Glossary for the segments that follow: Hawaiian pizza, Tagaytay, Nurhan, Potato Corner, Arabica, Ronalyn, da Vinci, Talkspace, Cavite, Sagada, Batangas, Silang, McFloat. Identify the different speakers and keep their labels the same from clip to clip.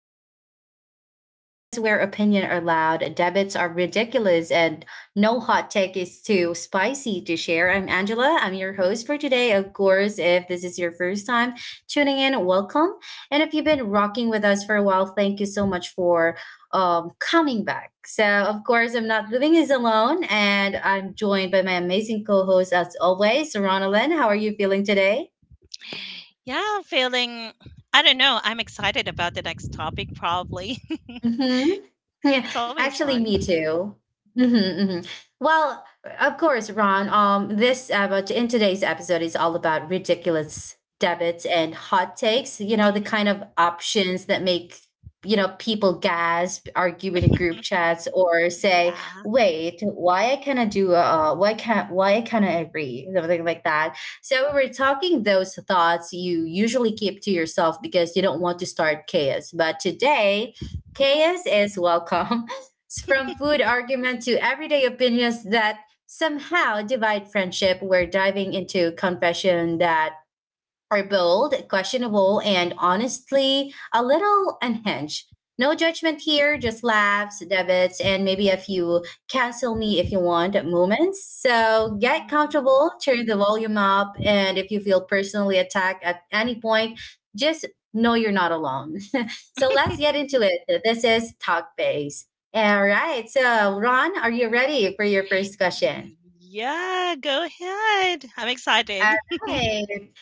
Speaker 1: to Talkspace, the podcast where opinion are loud, debits are ridiculous, and no hot take is too spicy to share. I'm Angela. I'm your host for today. Of course, if this is your first time tuning in, welcome. And if you've been rocking with us for a while, thank you so much for coming back. So, of course, I'm not living this alone, and I'm joined by my amazing co host, as always, Ronalyn. How are you feeling today?
Speaker 2: Yeah, I'm feeling I don't know, I'm excited about the next topic probably.
Speaker 1: Mhm. Yeah,
Speaker 2: It's always
Speaker 1: actually,
Speaker 2: fun.
Speaker 1: me too. Mhm, mhm. Well, of course, Ron. This but in today's episode is all about ridiculous debits and hot takes. You know, the
Speaker 2: Mm.
Speaker 1: kind of options that make people gasp, argue in group chats, or say,
Speaker 2: Yeah.
Speaker 1: "Wait, why I cannot do? Why can't? Why I cannot agree?" Something like that. So we were talking those thoughts you usually keep to yourself because you don't want to start chaos. But today chaos is welcome. From food argument to everyday opinions that somehow divide friendship, we're diving into confession that are bold, questionable, and honestly a little unhinged. No judgment here, just laughs, debits, and maybe a few cancel me if you want moments. So get
Speaker 2: Mm.
Speaker 1: comfortable, turn the volume up, and if you feel personally attacked at any point, just know you're not alone. Let's get into it. This is Talk Base. All right. So, Ron, are you ready for your first question?
Speaker 2: Yeah, go ahead. I'm
Speaker 1: All
Speaker 2: excited.
Speaker 1: right.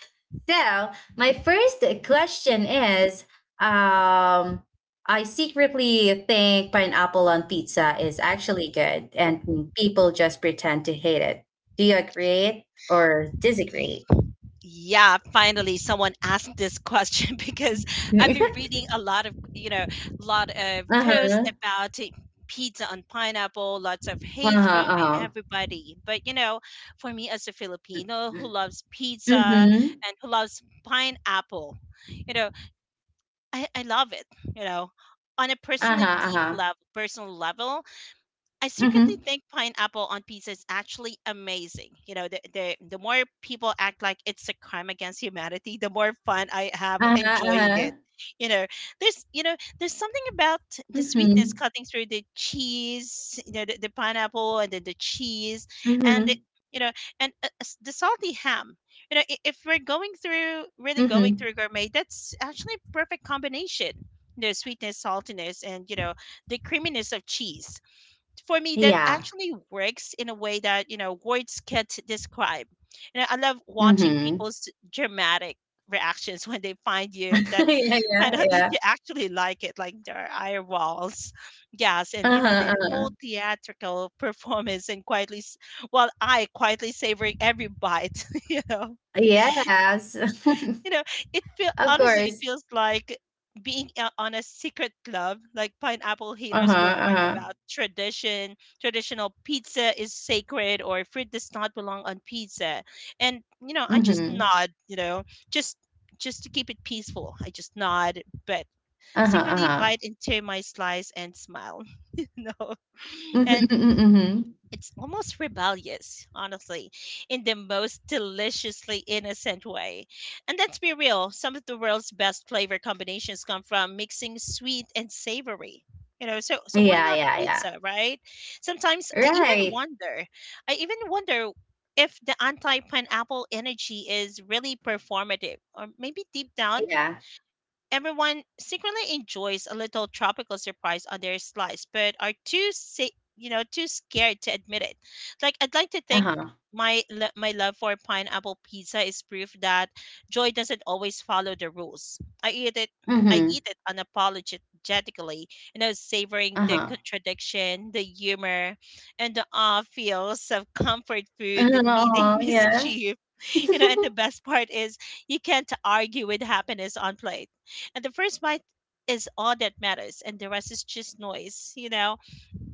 Speaker 1: So, my first question is um, I secretly think pineapple on pizza is actually good, and people just pretend to hate it. Do you agree or disagree?
Speaker 2: Yeah, finally someone asked this question because I've been
Speaker 1: Uh
Speaker 2: reading a lot of, you know, lot of posts
Speaker 1: huh.
Speaker 2: about it, pizza on pineapple, lots of
Speaker 1: Uh
Speaker 2: hate
Speaker 1: huh.
Speaker 2: from
Speaker 1: Uh huh.
Speaker 2: everybody. But you know, for me as a Filipino who loves pizza
Speaker 1: Mm-hmm.
Speaker 2: and who loves pineapple, you know, I love it, you know, on a
Speaker 1: Uh huh. Uh huh.
Speaker 2: personal level. I secretly
Speaker 1: Mm-hmm.
Speaker 2: think pineapple on pizza is actually amazing. You know, the more people act like it's a crime against humanity, the more fun I have
Speaker 1: Uh huh. Uh
Speaker 2: enjoying it.
Speaker 1: huh.
Speaker 2: You know, there's something about the sweetness
Speaker 1: Mm-hmm.
Speaker 2: cutting through the cheese, you know, the pineapple and then the cheese, and
Speaker 1: Mm-hmm.
Speaker 2: you know, the salty ham. You know, I- if we're going through really going
Speaker 1: Mm-hmm.
Speaker 2: through gourmet, that's actually a perfect combination. The sweetness, saltiness, and you know the creaminess of cheese for me that
Speaker 1: Yeah.
Speaker 2: actually works in a way that you know words can't describe. You know, I love watching
Speaker 1: Mm-hmm.
Speaker 2: people's dramatic reactions when they find you that
Speaker 1: Yeah.
Speaker 2: find
Speaker 1: Yeah.
Speaker 2: out that
Speaker 1: Yeah.
Speaker 2: you actually like it, like their eye walls. Yes,
Speaker 1: Uh
Speaker 2: and you know
Speaker 1: huh.
Speaker 2: the whole
Speaker 1: Uh-huh.
Speaker 2: theatrical performance, and while I quietly savoring every bite. You know,
Speaker 1: Yes.
Speaker 2: you know, it feel
Speaker 1: Of
Speaker 2: honestly, it
Speaker 1: course.
Speaker 2: feels like being on a secret club. Like pineapple
Speaker 1: Uh-huh,
Speaker 2: haters will whine
Speaker 1: uh-huh.
Speaker 2: about tradition. Traditional pizza is sacred, or fruit does not belong on pizza. And you know, I just
Speaker 1: Mhm.
Speaker 2: nod. You know, just just to keep it peaceful, I just nod, but
Speaker 1: Uh-huh,
Speaker 2: secretly
Speaker 1: uh-huh.
Speaker 2: bite into my slice and smile. You know,
Speaker 1: Mhm,
Speaker 2: and
Speaker 1: mhm, mhm.
Speaker 2: it's almost rebellious, honestly, in the most deliciously innocent way. And let's be real, some of the world's best flavor combinations come from mixing sweet and savory. You know, so why
Speaker 1: Yeah,
Speaker 2: not
Speaker 1: yeah, yeah.
Speaker 2: pizza, right? Sometimes
Speaker 1: Right.
Speaker 2: I even wonder if the anti-pineapple energy is really performative, or maybe deep down
Speaker 1: Yeah.
Speaker 2: everyone secretly enjoys a little tropical surprise on their slice, but are too sa- you know too scared to admit it. Like I'd like to think
Speaker 1: Uh-huh.
Speaker 2: my love for pineapple pizza is proof that joy doesn't always follow the rules. I eat it. I
Speaker 1: Mhm.
Speaker 2: eat it unapologetically, you know, savoring the
Speaker 1: Uh-huh.
Speaker 2: contradiction, the humor, and the awe feels of comfort food meeting
Speaker 1: Uh-huh, yeah.
Speaker 2: mischief. You know, and the best part is you can't argue with happiness on plate, and the first bite is all that matters, and the rest is just noise. You know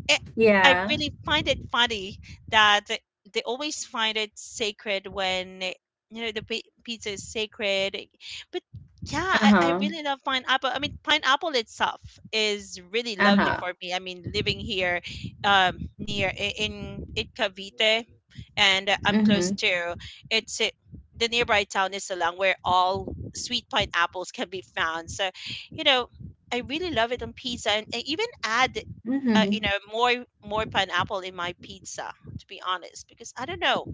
Speaker 2: it, I
Speaker 1: Yeah.
Speaker 2: really find it funny that they always find it sacred when you know pizza is sacred. But yeah, I
Speaker 1: Uh-huh.
Speaker 2: really love pineapple, I mean pineapple itself is really lovely
Speaker 1: Uh-huh.
Speaker 2: for me. I mean living here near in Cavite, and I'm close
Speaker 1: Mhm.
Speaker 2: to it's it, si, the nearby town is Salang where all sweet pineapples can be found. So, you know, I really love it on pizza, and I even add you
Speaker 1: Mhm.
Speaker 2: know more pineapple in my pizza. To be honest, because I don't know.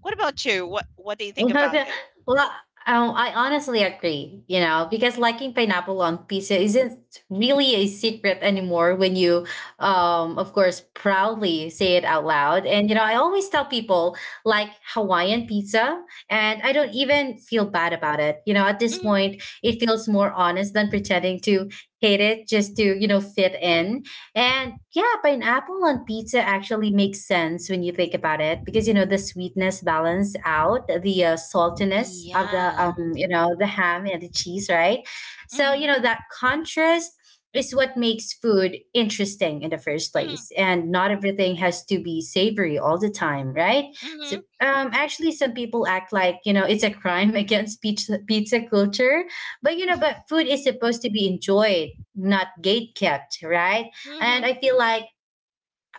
Speaker 2: What about you? What do you think about it?
Speaker 1: well, I honestly agree, you know, because liking pineapple on pizza isn't really a secret anymore when you, of course, proudly say it out loud. And, you know, I always tell people like Hawaiian pizza, and I don't even feel bad about it. You know, at this
Speaker 2: Hmm.
Speaker 1: point, it feels more honest than pretending to hate it just to, fit in. And yeah, pineapple on pizza actually makes sense when you think about it, because, you know, the sweetness balance out the saltiness of the
Speaker 2: Yeah.
Speaker 1: you know the ham and the cheese, right? So, you
Speaker 2: Mm-hmm.
Speaker 1: know that contrast is what makes food interesting in the first
Speaker 2: Mm-hmm.
Speaker 1: place, and not everything
Speaker 2: Right.
Speaker 1: has to be savory all the time, right? So
Speaker 2: Mm-hmm.
Speaker 1: actually, some people act like, you know, it's a crime against pizza culture, but, you know, but food is supposed to be enjoyed, not gatekept, right? And
Speaker 2: Mm-hmm.
Speaker 1: I feel like,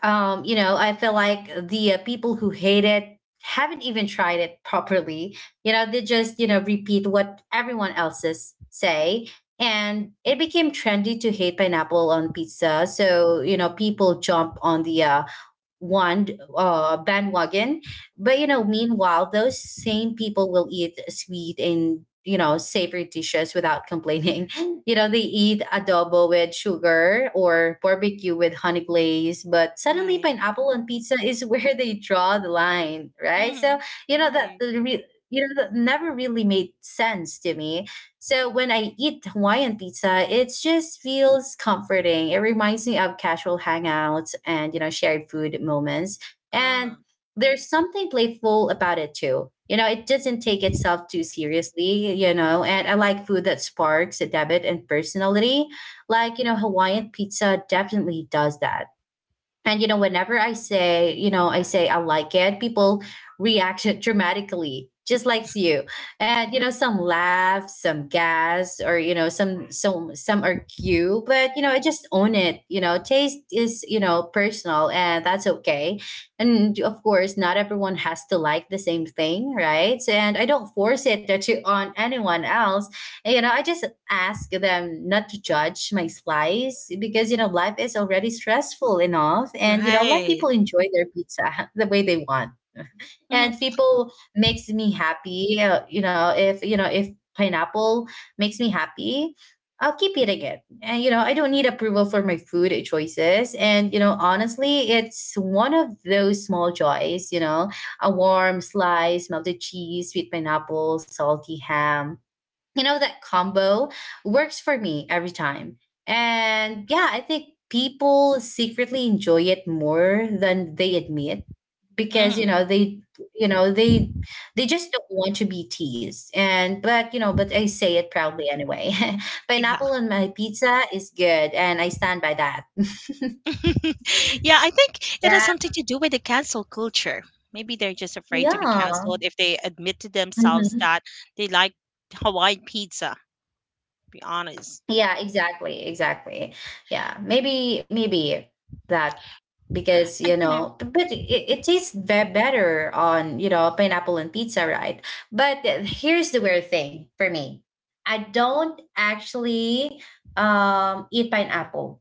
Speaker 1: the people who hate it haven't even tried it properly. You know, they just, repeat what everyone else's say, and it became trendy to hate pineapple on pizza, so, you know, people jump on the one bandwagon. But, you know, meanwhile, those same people will eat sweet and, savory dishes without complaining. You know, they eat adobo with sugar or barbecue with honey glaze, but suddenly
Speaker 2: Right.
Speaker 1: pineapple on pizza is where they draw the line, right? So
Speaker 2: Mm-hmm.
Speaker 1: you know that
Speaker 2: Right.
Speaker 1: the re- you know that never really made sense to me. So when I eat Hawaiian pizza, it just feels comforting. It reminds me of casual hangouts and, you know, shared food moments.
Speaker 2: Uh-huh.
Speaker 1: And there's something playful about it too. You know, it doesn't take itself too seriously, and I like food that sparks a debit and personality. Like, you know, Hawaiian pizza definitely does that. And, you know, whenever I say, I like it, people react dramatically, just like you. And, you know, some laugh, some gas, or, you know, some argue. But, you know, I just own it. You know, taste is, personal, and that's okay. And of course, not everyone has to like the same thing, right? And I don't force it to on anyone else. You know, I just ask them not to judge my slice, because, you know, life is already stressful enough, and, you know, let
Speaker 2: Right.
Speaker 1: people enjoy their pizza the way they want.
Speaker 2: Mm-hmm.
Speaker 1: And people makes me happy, you know, if pineapple makes me happy, I'll keep eating it. And, you know, I don't need approval for my food choices, and, you know, honestly, it's one of those small joys, you know, a warm slice, melted cheese, sweet pineapple, salty ham, you know, that combo works for me every time. And yeah, I think people secretly enjoy it more than they admit, because, you
Speaker 2: Mm-hmm.
Speaker 1: know, you know they they just don't want to be teased, and but, you know, but I say it proudly anyway.
Speaker 2: Yeah.
Speaker 1: Pineapple on my pizza is good and I stand by that.
Speaker 2: Yeah, I think it has
Speaker 1: Yeah,
Speaker 2: something to do with the cancel culture. Maybe they're just afraid to be canceled
Speaker 1: yeah.
Speaker 2: if they admit to themselves
Speaker 1: Mhm.
Speaker 2: that they like Hawaiian pizza, be honest.
Speaker 1: Yeah, exactly, exactly. Yeah, maybe that, because, you
Speaker 2: And you know,
Speaker 1: know, t- but it tastes ve- better on, you know, pineapple and pizza, right? But here's the weird thing for me: I don't actually eat pineapple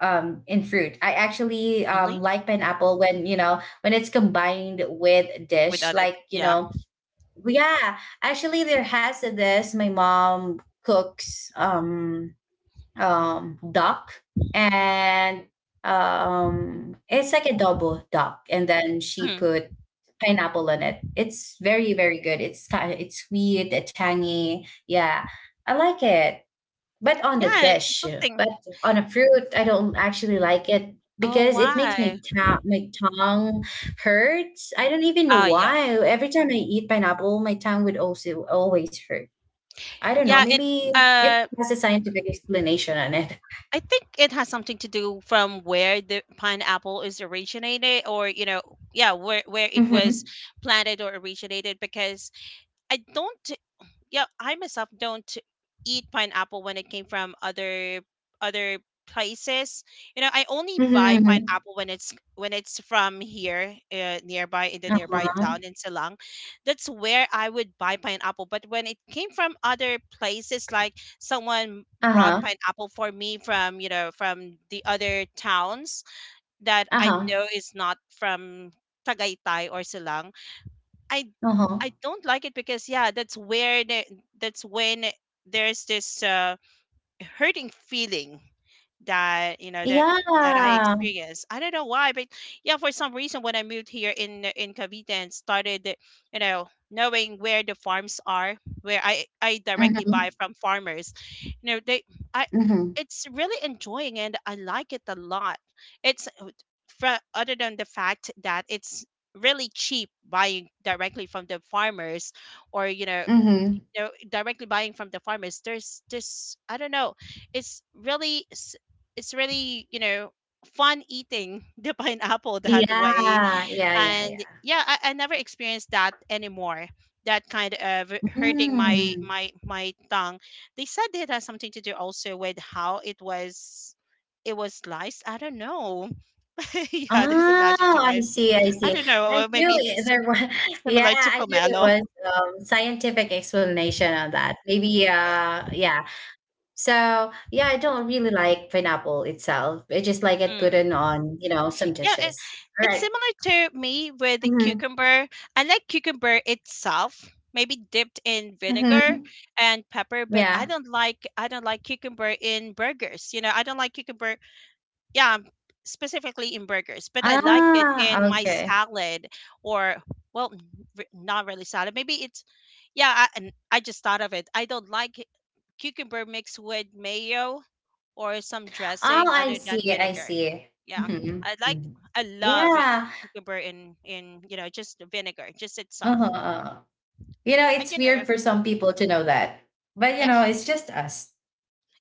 Speaker 1: in fruit. I actually
Speaker 2: really?
Speaker 1: like pineapple when, it's combined with
Speaker 2: With
Speaker 1: dish,
Speaker 2: other,
Speaker 1: like, you
Speaker 2: yeah.
Speaker 1: know, yeah. Actually, there has this my mom cooks duck, and it's like a double duck, and then she
Speaker 2: Mhm.
Speaker 1: put pineapple on it. It's very very good. It's kind of it's sweet, tangy. Yeah, I like it. But on the
Speaker 2: Yeah, it's
Speaker 1: dish,
Speaker 2: something.
Speaker 1: but on a fruit, I don't actually like it
Speaker 2: Oh,
Speaker 1: because it makes my
Speaker 2: why?
Speaker 1: my tongue hurts. I don't even know
Speaker 2: Oh, yeah.
Speaker 1: why. Every time I eat pineapple, my tongue would also always hurt. I don't know.
Speaker 2: Yeah,
Speaker 1: Maybe it
Speaker 2: uh,
Speaker 1: has a scientific explanation on it.
Speaker 2: I think it has something to do from where the pineapple is originated or, you know, yeah, where it was
Speaker 1: Mhm.
Speaker 2: planted or originated because I don't. Yeah, I myself don't eat pineapple when it came from other places. You know, I only
Speaker 1: Mhm,
Speaker 2: buy
Speaker 1: mhm.
Speaker 2: pineapple when it's from here nearby in the nearby
Speaker 1: Uh-huh.
Speaker 2: town in Silang. That's where I would buy pineapple. But when it came from other places, like someone brought
Speaker 1: Uh-huh.
Speaker 2: pineapple for me from you know from the other towns that I
Speaker 1: Uh-huh.
Speaker 2: know is not from Tagaytay or Silang. I
Speaker 1: Uh-huh.
Speaker 2: I don't like it because yeah, that's when there's this hurting feeling that you know that that I
Speaker 1: Yeah.
Speaker 2: experienced. I don't know why, but yeah, for some reason when I moved here in Cavite and started, you know, knowing where the farms are, where I directly
Speaker 1: Mhm.
Speaker 2: buy from farmers, you know, they I
Speaker 1: Mhm.
Speaker 2: it's really enjoying and I like it a lot. It's for, other than the fact that it's really cheap buying directly from the farmers or
Speaker 1: Mhm.
Speaker 2: you know, directly buying from the farmers, there's this I don't know, it's really s- it's really you know fun eating the pineapple that way.
Speaker 1: Yeah. Yeah, yeah,
Speaker 2: And
Speaker 1: yeah.
Speaker 2: yeah, I never experienced that anymore, that kind of hurting
Speaker 1: Mm.
Speaker 2: my tongue. They said it has something to do also with how it was sliced. I don't know. Yeah, there's a magic
Speaker 1: Oh,
Speaker 2: to
Speaker 1: I
Speaker 2: it.
Speaker 1: see, I
Speaker 2: I
Speaker 1: see.
Speaker 2: don't know,
Speaker 1: I
Speaker 2: or
Speaker 1: knew it there was yeah,
Speaker 2: similar to
Speaker 1: I knew there
Speaker 2: pomelo.
Speaker 1: was, scientific explanation on that. Maybe, yeah. So, yeah, I don't really like pineapple itself. I just like it put
Speaker 2: Yeah.
Speaker 1: in on, you know, some
Speaker 2: Yeah, eh,
Speaker 1: dishes.
Speaker 2: it's
Speaker 1: Alright.
Speaker 2: similar to me with the
Speaker 1: Mhm.
Speaker 2: cucumber. I like cucumber itself, maybe dipped in vinegar
Speaker 1: Mhm.
Speaker 2: and pepper, but
Speaker 1: Yeah.
Speaker 2: I don't like cucumber in burgers. You know, I don't like cucumber, yeah, specifically in burgers, but I like it
Speaker 1: Ah,
Speaker 2: in my
Speaker 1: okay.
Speaker 2: salad or not really salad. Maybe it's yeah, and I just thought of it. I don't like cucumber mixed with mayo or some
Speaker 1: Oh,
Speaker 2: dressing
Speaker 1: I
Speaker 2: other than
Speaker 1: see, I
Speaker 2: vinegar.
Speaker 1: see.
Speaker 2: Yeah,
Speaker 1: Mhm,
Speaker 2: I like
Speaker 1: mhm.
Speaker 2: I love
Speaker 1: Yeah.
Speaker 2: cucumber in you know just the vinegar just
Speaker 1: Uh-huh,
Speaker 2: itself.
Speaker 1: uh-huh. You know,
Speaker 2: And
Speaker 1: it's
Speaker 2: you know,
Speaker 1: weird for some people to know that. But, you
Speaker 2: yeah,
Speaker 1: know, it's just us.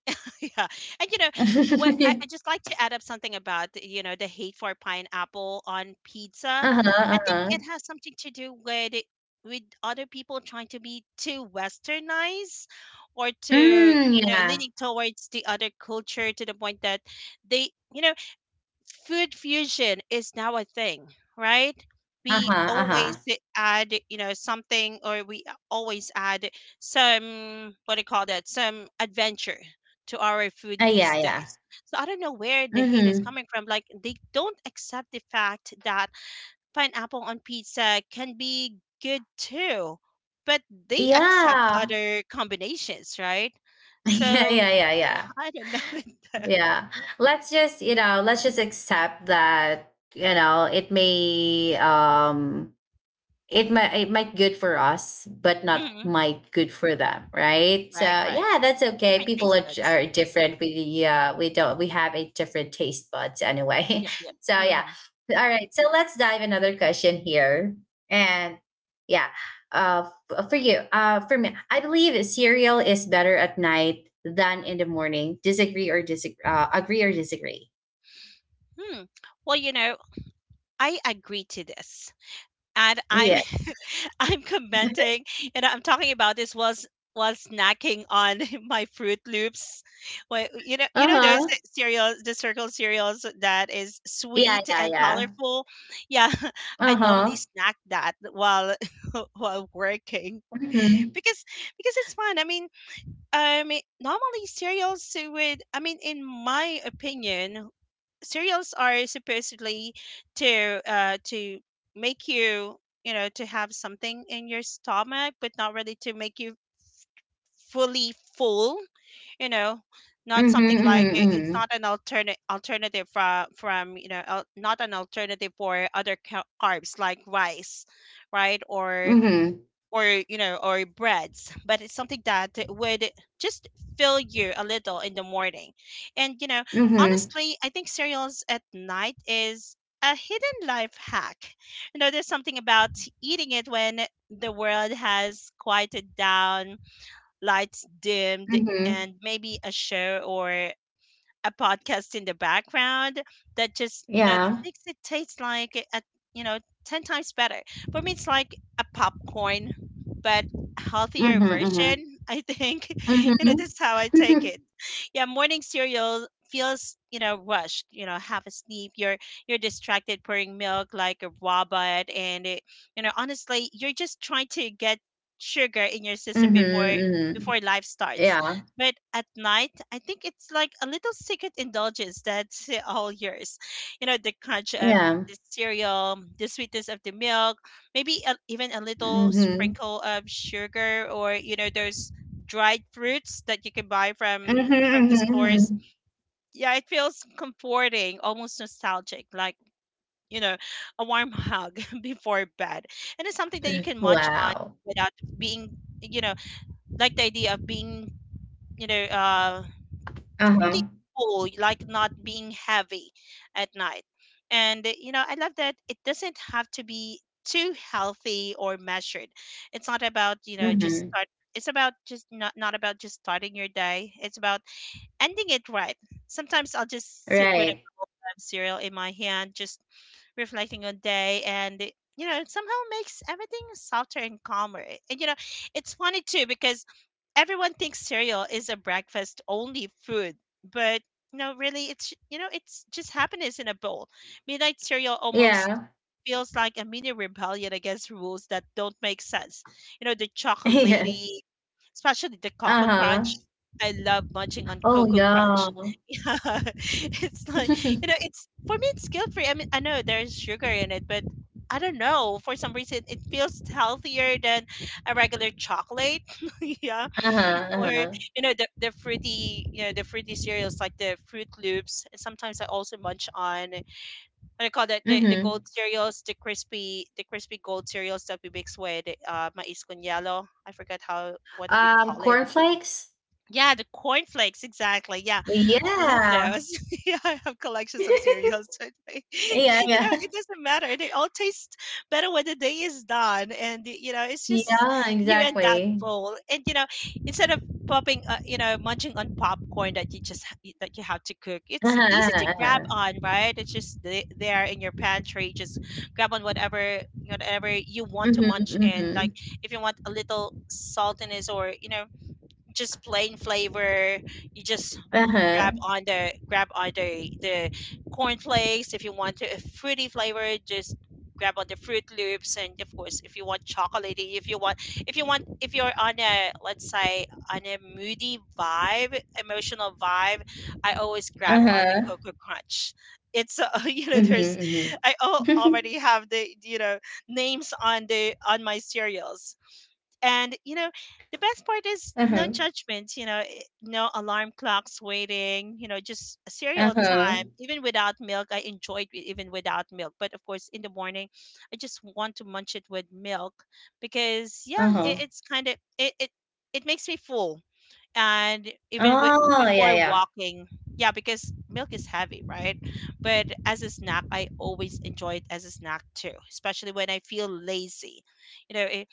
Speaker 2: yeah. And you know what? I just like to add up something about you know the hate for pineapple on pizza.
Speaker 1: Uh-huh,
Speaker 2: I think it
Speaker 1: uh-huh.
Speaker 2: has something to do with other people trying to be too westernized or to
Speaker 1: Mm,
Speaker 2: you know
Speaker 1: yeah.
Speaker 2: leaning towards the other culture to the point that they you know food fusion is now a thing, right?
Speaker 1: Uh-huh,
Speaker 2: We always
Speaker 1: uh-huh.
Speaker 2: add, you know, something, or we always add some, what do you call that, some adventure to our food
Speaker 1: Yeah,
Speaker 2: these
Speaker 1: yeah.
Speaker 2: days. So I don't know where the hate is
Speaker 1: Mm-hmm.
Speaker 2: coming from. Like, they don't accept the fact that pineapple on pizza can be good too, but they accept
Speaker 1: Yeah.
Speaker 2: other combinations, right?
Speaker 1: Yeah,
Speaker 2: So
Speaker 1: yeah, yeah, yeah.
Speaker 2: I don't know. them.
Speaker 1: Yeah. Let's just, accept that, you know, it might good for us but not
Speaker 2: Mhm.
Speaker 1: might good for them, right? So
Speaker 2: Right, right.
Speaker 1: yeah, that's okay.
Speaker 2: Different
Speaker 1: People
Speaker 2: taste
Speaker 1: are,
Speaker 2: buds.
Speaker 1: are different. We uh we don't we have a different taste buds anyway.
Speaker 2: Yep, yep.
Speaker 1: So yeah,
Speaker 2: Mhm.
Speaker 1: all right, so let's dive another question here. And yeah, uh for me, I believe cereal is better at night than in the morning. Disagree or disagree uh, agree or disagree?
Speaker 2: Hmm. Well, you know, I agree to this, and I'm
Speaker 1: Yeah.
Speaker 2: I'm commenting, and I'm talking about this was snacking on my Fruit Loops. Well, you know those
Speaker 1: Uh-huh.
Speaker 2: cereals, the circle cereals that is
Speaker 1: Yeah,
Speaker 2: sweet
Speaker 1: yeah,
Speaker 2: and
Speaker 1: yeah.
Speaker 2: colorful. Yeah, I normally
Speaker 1: Uh-huh.
Speaker 2: snack that while while working
Speaker 1: Mm-hmm.
Speaker 2: because it's fun. I mean, normally cereals would. I mean, in my opinion, cereals are supposedly to make you you know to have something in your stomach but not really to make you fully full, you know, not
Speaker 1: Mhm,
Speaker 2: something like
Speaker 1: mhm,
Speaker 2: it's not
Speaker 1: mhm.
Speaker 2: an alternate alternative from you know not an alternative for other carbs like rice, right? Or
Speaker 1: Mhm,
Speaker 2: you know or breads, but it's something that would just fill you a little in the morning. And you know
Speaker 1: mhm,
Speaker 2: honestly I think cereals at night is a hidden life hack. You know there's something about eating it when the world has quieted down, lights dimmed,
Speaker 1: mhm.
Speaker 2: and maybe a show or a podcast in the background that just you know that
Speaker 1: Yeah.
Speaker 2: makes it taste like you know 10 times better. For me it's like a popcorn but healthier
Speaker 1: Mhm, mhm.
Speaker 2: version, I think. You know
Speaker 1: Mhm.
Speaker 2: that's how I take it. Yeah, morning cereal feels you know rushed, you know, half asleep, you're distracted pouring milk like a robot, and it you know honestly you're just trying to get sugar in your system
Speaker 1: Mhm, mhm.
Speaker 2: before life starts.
Speaker 1: Yeah,
Speaker 2: But at night, I think it's like a little secret indulgence that's all yours. You know, the crunch of
Speaker 1: yeah.
Speaker 2: the cereal, the sweetness of the milk, maybe even a little
Speaker 1: Mhm.
Speaker 2: sprinkle of sugar or, you know, those dried fruits that you can buy
Speaker 1: Mhm,
Speaker 2: from the
Speaker 1: mhm,
Speaker 2: stores.
Speaker 1: mhm.
Speaker 2: Yeah, it feels comforting, almost nostalgic, like, you know, a warm hug before bed. And it's something that you can munch on
Speaker 1: Wow.
Speaker 2: without being, you know, like the idea of being you know, truly
Speaker 1: Uh-huh.
Speaker 2: full, like not being heavy at night. And you know, I love that it doesn't have to be too healthy or measured. It's not about, you know, just
Speaker 1: Mhm.
Speaker 2: start it's about just not not about just starting your day. It's about ending it right. Sometimes I'll just sit with a
Speaker 1: Right.
Speaker 2: bowl of cereal in my hand, just reflecting on day, and it somehow makes everything softer and calmer. And it's funny too because everyone thinks cereal is a breakfast only food, but no, really, it's just happiness in a bowl. Midnight cereal almost
Speaker 1: Yeah.
Speaker 2: feels like a mini rebellion against rules that don't make sense. The
Speaker 1: Yeah.
Speaker 2: chocolatey, especially the cocoa crunch.
Speaker 1: Uh-huh.
Speaker 2: I love munching on
Speaker 1: Oh,
Speaker 2: Cocoa Crunch.
Speaker 1: yeah.
Speaker 2: Yeah, it's like you know, it's for me, it's guilt free. I mean, I know there's sugar in it, but I don't know. For some reason, it feels healthier than a regular chocolate. Yeah,
Speaker 1: Uh-huh,
Speaker 2: or
Speaker 1: uh-huh.
Speaker 2: the fruity, the fruity cereals like the Fruit Loops. Sometimes I also munch on what do you call that? The gold
Speaker 1: Mhm.
Speaker 2: cereals, the crispy gold cereals that we mix with mais con yellow. I forget how what we
Speaker 1: Um,
Speaker 2: call it.
Speaker 1: cornflakes?
Speaker 2: Yeah, the cornflakes, exactly. Yeah, I love those.
Speaker 1: Yeah.
Speaker 2: Yeah, I have collections of cereals.
Speaker 1: Yeah, yeah.
Speaker 2: It doesn't matter. They all taste better when the day is done, and it's just
Speaker 1: Yeah,
Speaker 2: you and that
Speaker 1: exactly.
Speaker 2: bowl. And instead of popping, munching on popcorn that you have to cook,
Speaker 1: Uh-huh,
Speaker 2: it's easy to
Speaker 1: uh-huh,
Speaker 2: grab
Speaker 1: uh-huh.
Speaker 2: on, right? It's just there in your pantry. Just grab on whatever you want to
Speaker 1: Mhm,
Speaker 2: munch, and like
Speaker 1: mhm.
Speaker 2: if you want a little saltiness or just plain flavor you just
Speaker 1: Uh-huh,
Speaker 2: grab on the cornflakes if you want a fruity flavor just grab on the Fruit Loops. And of course if you want chocolatey, if you're on a let's say on a moody vibe emotional vibe, I always grab on the
Speaker 1: uh-huh.
Speaker 2: cocoa crunch. It's there's
Speaker 1: Mhm, mhm.
Speaker 2: already have the names on the on my cereals. And the best part is no
Speaker 1: Uh-huh,
Speaker 2: judgment, no alarm clocks waiting, just a cereal
Speaker 1: uh-huh,
Speaker 2: time. Even without milk, I enjoyed it even without milk. But of course, in the morning, I just want to munch it with milk because yeah, it,
Speaker 1: uh-huh.
Speaker 2: it's kind of it, it it makes me full. And even with,
Speaker 1: Oh, yeah,
Speaker 2: before
Speaker 1: yeah.
Speaker 2: walking, yeah, because milk is heavy, right? But as a snack, I always enjoy it as a snack too, especially when I feel lazy. you know eh,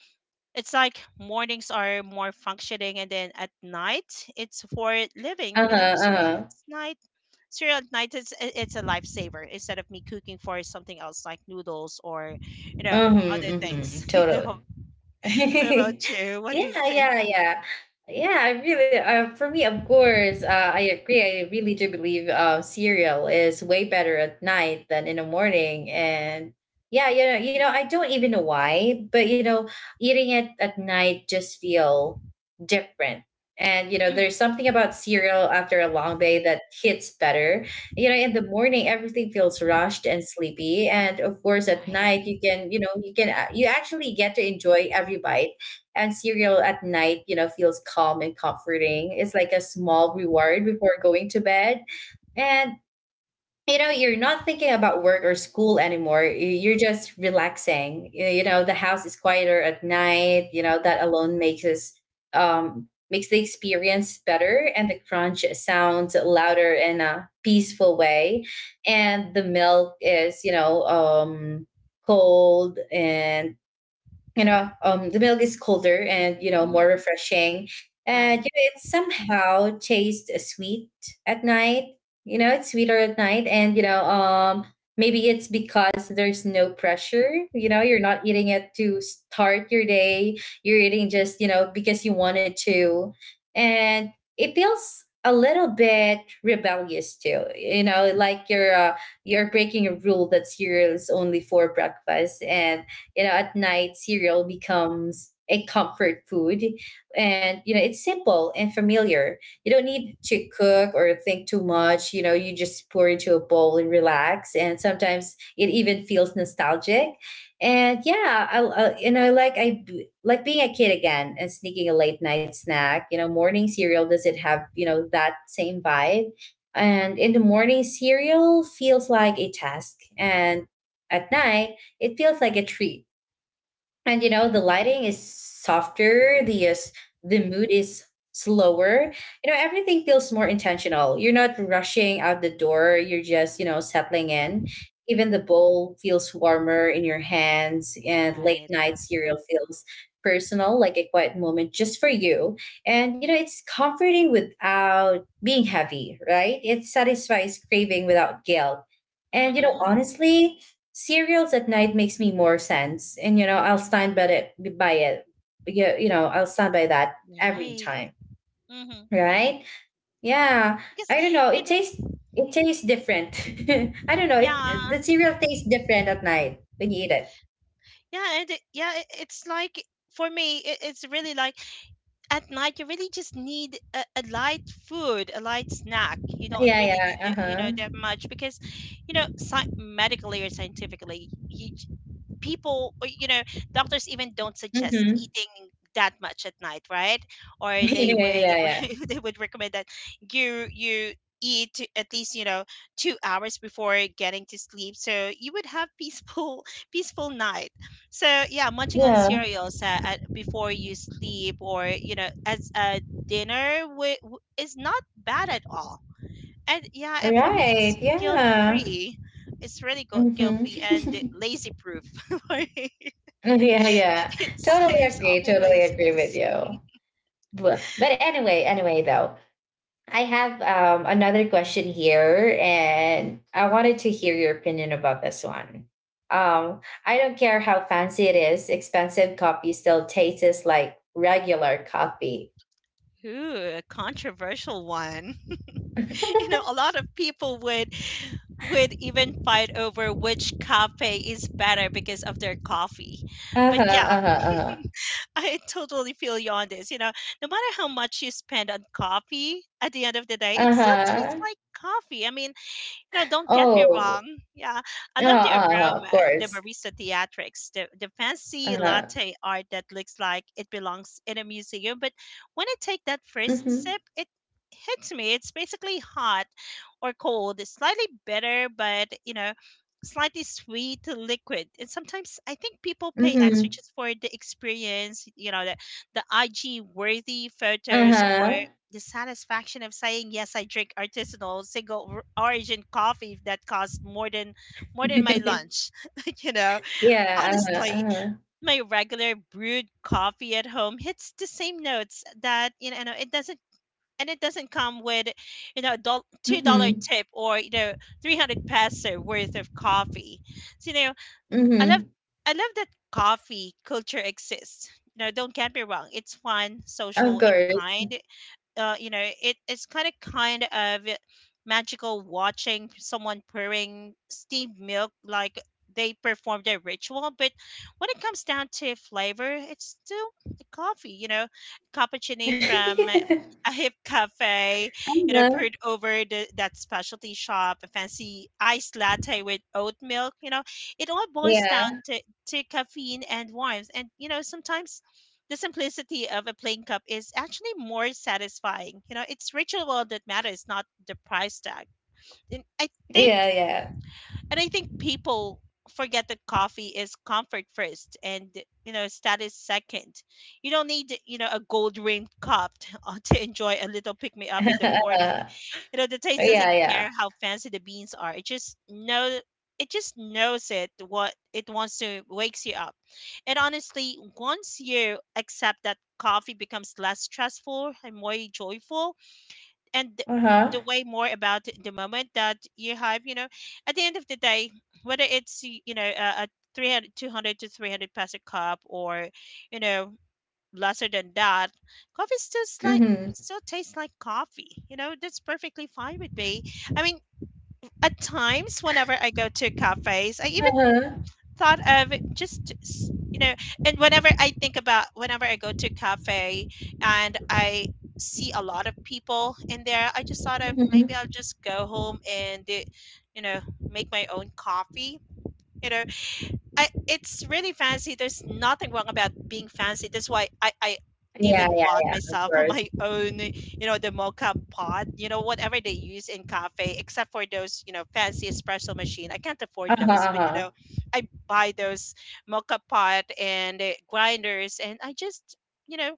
Speaker 2: it's like mornings are more functioning and then at night it's for living.
Speaker 1: Uh-huh,
Speaker 2: Cereal at
Speaker 1: uh-huh.
Speaker 2: night, it's a lifesaver instead of me cooking for something else like noodles or you know other
Speaker 1: Mhm,
Speaker 2: things.
Speaker 1: mhm. Totally.
Speaker 2: What about you? What do you
Speaker 1: Yeah,
Speaker 2: think?
Speaker 1: yeah, yeah. Yeah, I really, for me, of course, I agree. I really do believe cereal is way better at night than in the morning. And yeah, I don't even know why, but, you know, eating it at night just feel different. And you know,
Speaker 2: Hmm.
Speaker 1: there's something about cereal after a long day that hits better. You know in the morning everything feels rushed and sleepy, and of course at
Speaker 2: Right.
Speaker 1: night you can, you know, you can you actually get to enjoy every bite. And cereal at night, you know, feels calm and comforting. It's like a small reward before going to bed. And you know, you're not thinking about work or school anymore. You're just relaxing. You know the house is quieter at night. You know that alone makes us makes the experience better, and the crunch sounds louder in a peaceful way. And the milk is, you know, cold and, the milk is colder and you know
Speaker 2: Hmm.
Speaker 1: more refreshing. And
Speaker 2: Right.
Speaker 1: you know, it somehow tastes sweet at night. You know it's sweeter at night. And you know, maybe it's because there's no pressure. You know you're not eating it to start your day, you're eating just, you know, because you wanted to. And it feels a little bit rebellious too, you know, like you're breaking a rule that cereal is only for breakfast. And you know at night cereal becomes a comfort food. And you know it's simple and familiar. You don't need to cook or think too much. You know you just pour into a bowl and relax, and sometimes it even feels nostalgic. And yeah, I you know like like being a kid again and sneaking a late night snack. You know morning cereal does it have you know that same vibe. And in the morning cereal feels like a task, and at night it feels like a treat. And you know the
Speaker 2: Hmm.
Speaker 1: lighting is softer, the mood is slower. You know everything feels more intentional. You're not rushing out the door, you're just, you know, settling in. Even the bowl feels warmer in your hands, and late
Speaker 2: Right.
Speaker 1: night cereal feels personal, like a quiet moment just for you. And you know it's comforting without being heavy, right? It satisfies craving without guilt. And you know
Speaker 2: Hmm.
Speaker 1: honestly cereals at night makes me more sense, and you know I'll stand by it. You know I'll stand by that every
Speaker 2: Right.
Speaker 1: time,
Speaker 2: Hmm.
Speaker 1: right? Yeah,
Speaker 2: Because
Speaker 1: I don't know.
Speaker 2: you know
Speaker 1: It tastes different. I don't know. It
Speaker 2: yeah.
Speaker 1: the cereal tastes different at night when you eat it.
Speaker 2: Yeah, and yeah, it's like for me, it's really like at night you really just need a light food, a light snack. You don't
Speaker 1: Yeah,
Speaker 2: really need
Speaker 1: yeah, uh
Speaker 2: that
Speaker 1: huh.
Speaker 2: that much because medically or scientifically you, people or, doctors even don't suggest
Speaker 1: Mm-hmm.
Speaker 2: eating that much at night, right? Or they
Speaker 1: Yeah,
Speaker 2: would
Speaker 1: yeah, yeah.
Speaker 2: they would recommend that you eat at least 2 hours before getting to sleep so you would have peaceful peaceful night. So yeah, munching on
Speaker 1: Yeah.
Speaker 2: cereals at, before you sleep or as a dinner is not bad at all. And yeah,
Speaker 1: All
Speaker 2: and for me,
Speaker 1: right.
Speaker 2: it's guilt
Speaker 1: Yeah.
Speaker 2: free. It's really guilt
Speaker 1: Mm-hmm.
Speaker 2: free and lazy proof. For me,
Speaker 1: Yeah, yeah.
Speaker 2: it
Speaker 1: Totally
Speaker 2: saves all
Speaker 1: agree.
Speaker 2: my
Speaker 1: Totally agree with
Speaker 2: laziness.
Speaker 1: you. But anyway, though, I have another question here, and I wanted to hear your opinion about this one. Um, I don't care how fancy it is, expensive coffee still tastes like regular coffee.
Speaker 2: Ooh, a controversial one. A lot of people would even fight over which cafe is better because of their coffee.
Speaker 1: Uh huh,
Speaker 2: But yeah,
Speaker 1: uh huh, uh
Speaker 2: I totally feel you on this. No matter how much you spend on coffee, at the end of the day,
Speaker 1: huh. Uh
Speaker 2: it still tastes
Speaker 1: huh.
Speaker 2: like coffee. I mean, don't get me wrong.
Speaker 1: Oh,
Speaker 2: Yeah, I
Speaker 1: uh huh,
Speaker 2: love the
Speaker 1: uh-huh,
Speaker 2: aroma,
Speaker 1: of
Speaker 2: the
Speaker 1: course.
Speaker 2: barista theatrics, the
Speaker 1: Uh
Speaker 2: fancy
Speaker 1: huh.
Speaker 2: latte art that looks like it belongs in a museum. But when I take that
Speaker 1: Mm
Speaker 2: first
Speaker 1: hmm.
Speaker 2: sip, it hits me. It's basically hot or cold. It's slightly bitter, but, slightly sweet to liquid. And sometimes I think people
Speaker 1: Mm
Speaker 2: pay
Speaker 1: hmm.
Speaker 2: extra just for the experience, the IG worthy
Speaker 1: Uh
Speaker 2: photos or
Speaker 1: huh.
Speaker 2: the satisfaction of saying yes, I drink artisanal origin coffee that costs more than my lunch. you know
Speaker 1: Yeah, uh huh,
Speaker 2: honestly
Speaker 1: uh huh.
Speaker 2: my regular brewed coffee at home hits the same notes. That you know it doesn't and It doesn't come with a
Speaker 1: Mm
Speaker 2: $2
Speaker 1: hmm.
Speaker 2: tip or 300 peso worth of coffee. So
Speaker 1: Mm
Speaker 2: I
Speaker 1: hmm.
Speaker 2: love, that coffee culture exists. Don't get me wrong, it's fun,
Speaker 1: Of
Speaker 2: social and
Speaker 1: course.
Speaker 2: kind. It's kind of magical watching someone pouring steamed milk like they perform their ritual. But when it comes down to flavor, it's still a coffee. You know, cappuccino from
Speaker 1: Uh-huh.
Speaker 2: a hip cafe, poured over that specialty shop, a fancy iced latte with oat milk, it all boils down
Speaker 1: Yeah.
Speaker 2: to caffeine and warmth. And, sometimes the simplicity of a plain cup is actually more satisfying. You know, it's ritual that matters, not the price tag. And I
Speaker 1: Yeah,
Speaker 2: think
Speaker 1: yeah.
Speaker 2: and I think people forget that coffee is comfort first and status second. You don't need a gold rimmed cup to, to enjoy a little pick me up in the morning. You know the taste doesn't
Speaker 1: Yeah,
Speaker 2: care
Speaker 1: yeah.
Speaker 2: how fancy the beans are. It just knows it what it wants to wakes you up. And honestly, once you accept that, coffee becomes less stressful and more joyful, and
Speaker 1: Uh-huh.
Speaker 2: the way more about the moment that you have. At the end of the day, whether it's a, 300 to 300 peso cup or you know lesser than that, coffee
Speaker 1: Mhm.
Speaker 2: still tastes like coffee. That's perfectly fine with me. I mean, at times whenever I go to cafes, I even
Speaker 1: Uh-huh.
Speaker 2: thought of just you know and whenever I think about whenever I go to cafe and I see a lot of people in there, I just thought of maybe
Speaker 1: Mhm.
Speaker 2: I'll just go home and you know make my own coffee. you know I it's really fancy. There's nothing wrong about being fancy. That's why I
Speaker 1: Yeah,
Speaker 2: even
Speaker 1: yeah,
Speaker 2: bought
Speaker 1: yeah, of
Speaker 2: myself
Speaker 1: course.
Speaker 2: my own, the mocha pot, whatever they use in cafe, except for those, fancy espresso machine. I can't afford
Speaker 1: Uh-huh,
Speaker 2: those, but
Speaker 1: uh-huh.
Speaker 2: I buy those mocha pot and grinders, and I just, you know,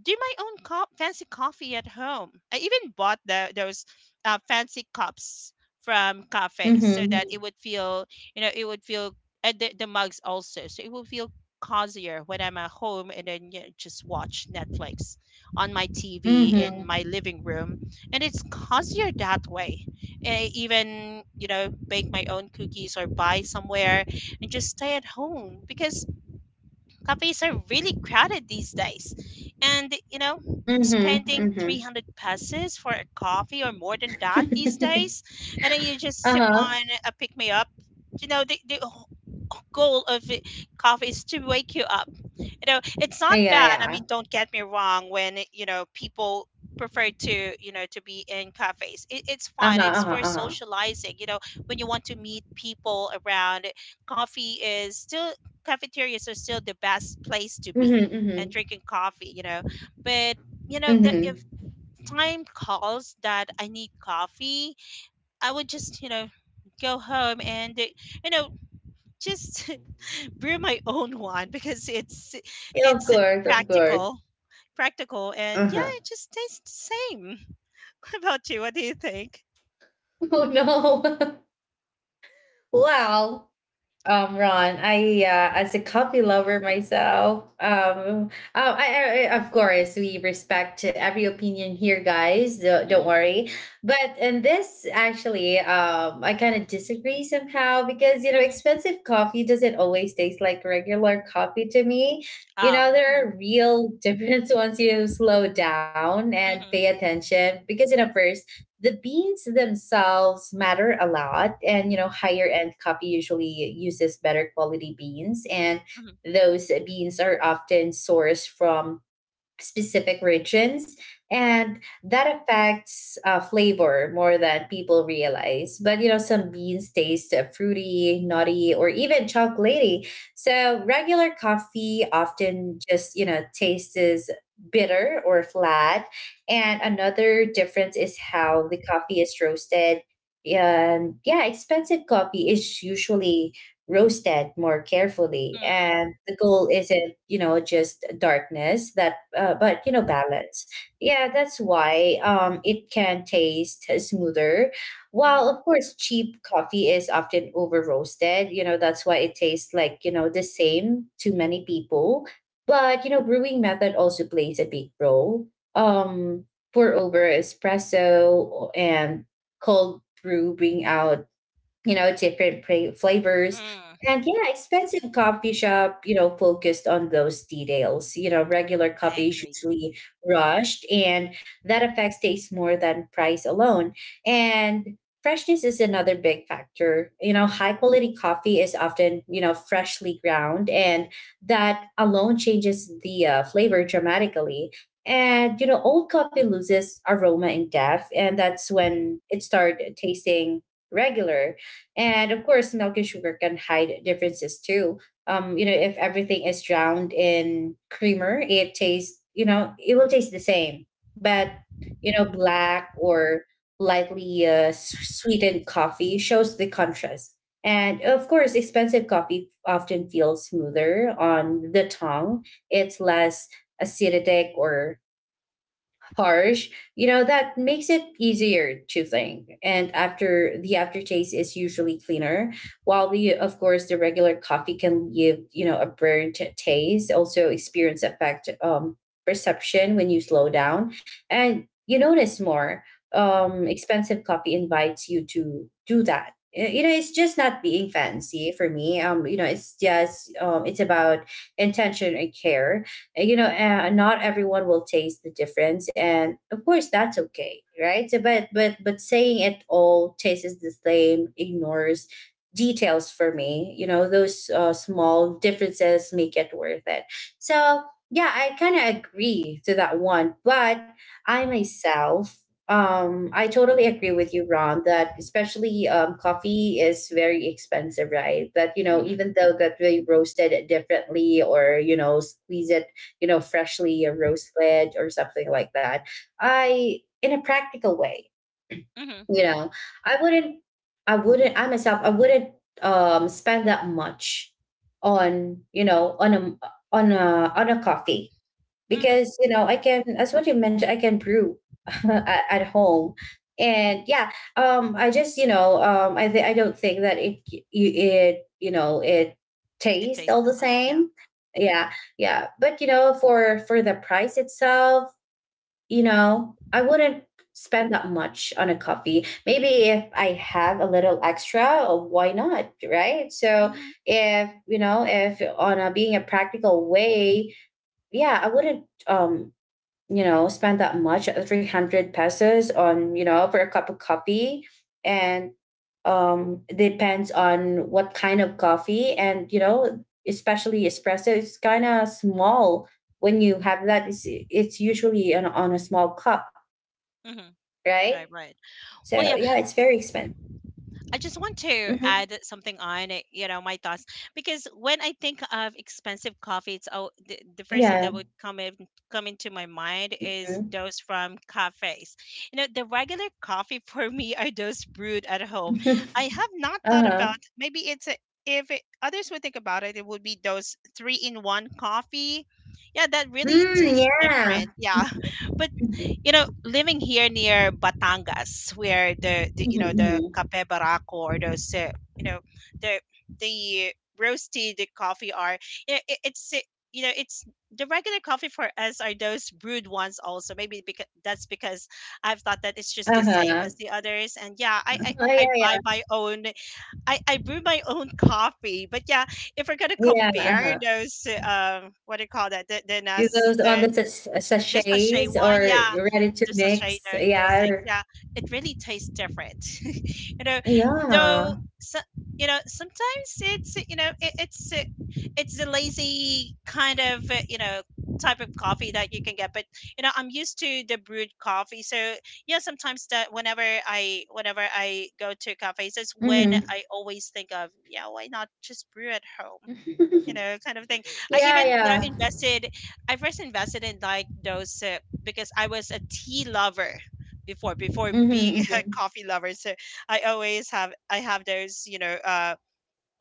Speaker 2: do my own fancy coffee at home. I even bought the those fancy cups from cafes so
Speaker 1: Mhm.
Speaker 2: that it would feel, it would feel, and the mugs also, so it would feel cozier when I'm at home. And then just watch Netflix on my TV in
Speaker 1: Mhm.
Speaker 2: my living room, and it's cozier that way. And I even bake my own cookies or buy somewhere and just stay at home because cafes are really crowded these days. And,
Speaker 1: Mhm,
Speaker 2: spending
Speaker 1: mhm.
Speaker 2: 300 pesos for a coffee or more than that these days, and then you just sip
Speaker 1: Uh-huh.
Speaker 2: on a pick me up. The goal of it, coffee is to wake you up. You know, it's not
Speaker 1: Yeah,
Speaker 2: bad. I
Speaker 1: yeah.
Speaker 2: mean, don't get me wrong when, people prefer to to be in cafes. It's
Speaker 1: Uh-huh,
Speaker 2: fun, it's
Speaker 1: uh-huh,
Speaker 2: for
Speaker 1: uh-huh.
Speaker 2: socializing. When you want to meet people around, coffee is still, cafeterias are still the best place to be
Speaker 1: Mhm,
Speaker 2: and
Speaker 1: mhm,
Speaker 2: drinking coffee, you know. But
Speaker 1: mhm.
Speaker 2: if time calls that I need coffee, I would just go home and you know just brew my own one because it's
Speaker 1: Yeah, of
Speaker 2: it's
Speaker 1: course, of course.
Speaker 2: practical, and yeah,
Speaker 1: Uh-huh.
Speaker 2: it just tastes the same. What about you? What do you think?
Speaker 1: Oh, no. Wow. Ron, I as a coffee lover myself, of course we respect every opinion here, guys. Don't
Speaker 2: Mhm,
Speaker 1: worry. But in this, actually, I kind of disagree somehow, because you know
Speaker 2: mhm.
Speaker 1: expensive coffee doesn't always taste like regular coffee to me. You know there
Speaker 2: Mhm,
Speaker 1: are real difference once you slow down and pay
Speaker 2: mhm,
Speaker 1: attention. Because you know first, the beans themselves matter a lot, and you know higher end coffee usually uses better quality beans, and
Speaker 2: mhm,
Speaker 1: those beans are often sourced from specific regions, and that affects flavor more than people realize. But you know some beans taste fruity, nutty or even chocolatey, so regular coffee often just you know tastes as bitter or flat. And another difference is how the coffee is roasted. And yeah expensive coffee is usually roasted more carefully,
Speaker 2: mm,
Speaker 1: and the goal isn't you know just darkness that but you know balance. Yeah that's why it can taste smoother, while
Speaker 2: mhm,
Speaker 1: of course cheap coffee is often over roasted. You know that's why it tastes like you know the same to many people. But you know brewing method also plays a big role. Pour over, espresso and cold brew bring out, you know, flavors.
Speaker 2: mm.
Speaker 1: And yeah, expensive coffee shop, you know, focused on those details. You know, regular
Speaker 2: I
Speaker 1: coffee is
Speaker 2: agree.
Speaker 1: usually rushed, and that affects taste more than price alone. And freshness is another big factor. You know, high quality coffee is often, you know, freshly ground, and that alone changes the flavor dramatically. And you know, old coffee loses aroma and depth, and that's when it starts tasting regular. And of course, milk and sugar can hide differences too. You know, if everything is drowned in creamer, it tastes, you know, it will taste the same. But, you know, black or lightly sweetened coffee shows the contrast. And of course, expensive coffee often feels smoother on the tongue. It's less acidic or harsh, you know, that makes it easier to think. And after the aftertaste is usually cleaner, while the, of course, the regular coffee can give, you know, a burnt taste. Also experience affect perception. When you slow down and you notice more. Expensive coffee invites you to do that. You know, it's just not being fancy for me. You know, it's just it's about intention and care. You know, not everyone will taste the difference, and of course that's okay, right? But saying it all tastes the same ignores details for me. You know, those small differences make it worth it. So yeah, I kind of agree to that one, but I myself I totally agree with you Ron, that especially coffee is very expensive, right? That you know
Speaker 2: Hmm.
Speaker 1: even though that they roast it differently, or you know squeeze it, you know, freshly a roast veg or something like that. I, in a practical way,
Speaker 2: Hmm.
Speaker 1: you know, I wouldn't, I wouldn't, I myself, I wouldn't spend that much on, you know, on a coffee,
Speaker 2: Hmm.
Speaker 1: because you know I can as what you mentioned I can brew at home. And yeah I just you know I don't think that it you know it
Speaker 2: It
Speaker 1: tastes
Speaker 2: tastes the
Speaker 1: all the
Speaker 2: same. Yeah.
Speaker 1: same. Yeah yeah but you know for the price itself, you know I wouldn't spend that much on a coffee. Maybe if I have a little extra, oh, why not, right? So
Speaker 2: Mhm,
Speaker 1: if you know if on a being a practical way, yeah I wouldn't you know, spend that much, 300 pesos on, you know, for a cup of coffee. And depends on what kind of coffee. And, you know, especially espresso, it's kind of small. When you have that, it's usually on a small cup,
Speaker 2: mhm.
Speaker 1: right?
Speaker 2: Right, right.
Speaker 1: So,
Speaker 2: Well, yeah,
Speaker 1: yeah, it's very expensive.
Speaker 2: I just want to
Speaker 1: Hmm.
Speaker 2: add something on it, you know, my thoughts, because when I think of expensive coffee, the first thing
Speaker 1: Yeah.
Speaker 2: that would come into my mind is
Speaker 1: Hmm.
Speaker 2: those from cafes. You know, the regular coffee for me are those brewed at home. I have not thought
Speaker 1: Uh-huh.
Speaker 2: about, maybe it's a, if it, others would think about it, it would be those three in one coffee. Yeah, that really
Speaker 1: Mm,
Speaker 2: tastes
Speaker 1: yeah.
Speaker 2: different. Yeah. But
Speaker 1: Mhm,
Speaker 2: you know, living here near Batangas, where the you
Speaker 1: mhm,
Speaker 2: know the
Speaker 1: mhm.
Speaker 2: cafe barraco or those you know the the roasted coffee are you know, it's you know it's the regular coffee for us are those brewed ones also maybe because that's because I've thought that it's just the same
Speaker 1: Uh-huh.
Speaker 2: as the others, and yeah
Speaker 1: Oh, yeah,
Speaker 2: I buy
Speaker 1: yeah.
Speaker 2: my own. I brew my own coffee, but yeah, if we're gonna
Speaker 1: Yeah,
Speaker 2: compare
Speaker 1: uh-huh.
Speaker 2: those what do you call that,
Speaker 1: It goes on the
Speaker 2: the sachet
Speaker 1: sachets
Speaker 2: one,
Speaker 1: or
Speaker 2: yeah,
Speaker 1: you're ready to
Speaker 2: the sachet,
Speaker 1: mix.
Speaker 2: those
Speaker 1: Yeah.
Speaker 2: things,
Speaker 1: Or
Speaker 2: yeah, it really tastes different. You know, though,
Speaker 1: yeah.
Speaker 2: so, you know, sometimes it's the lazy kind of you know type of coffee that you can get. But you know, I'm used to the brewed coffee, so yeah, sometimes that whenever I go to cafes, is when
Speaker 1: Hmm.
Speaker 2: I always think of, yeah, why not just brew at home, you know, kind of thing. I
Speaker 1: Yeah.
Speaker 2: even, you know,
Speaker 1: Yeah.
Speaker 2: invested, I first invested in like those because I was a tea lover before being
Speaker 1: Hmm
Speaker 2: a coffee lover. So I always have, I have those, you know,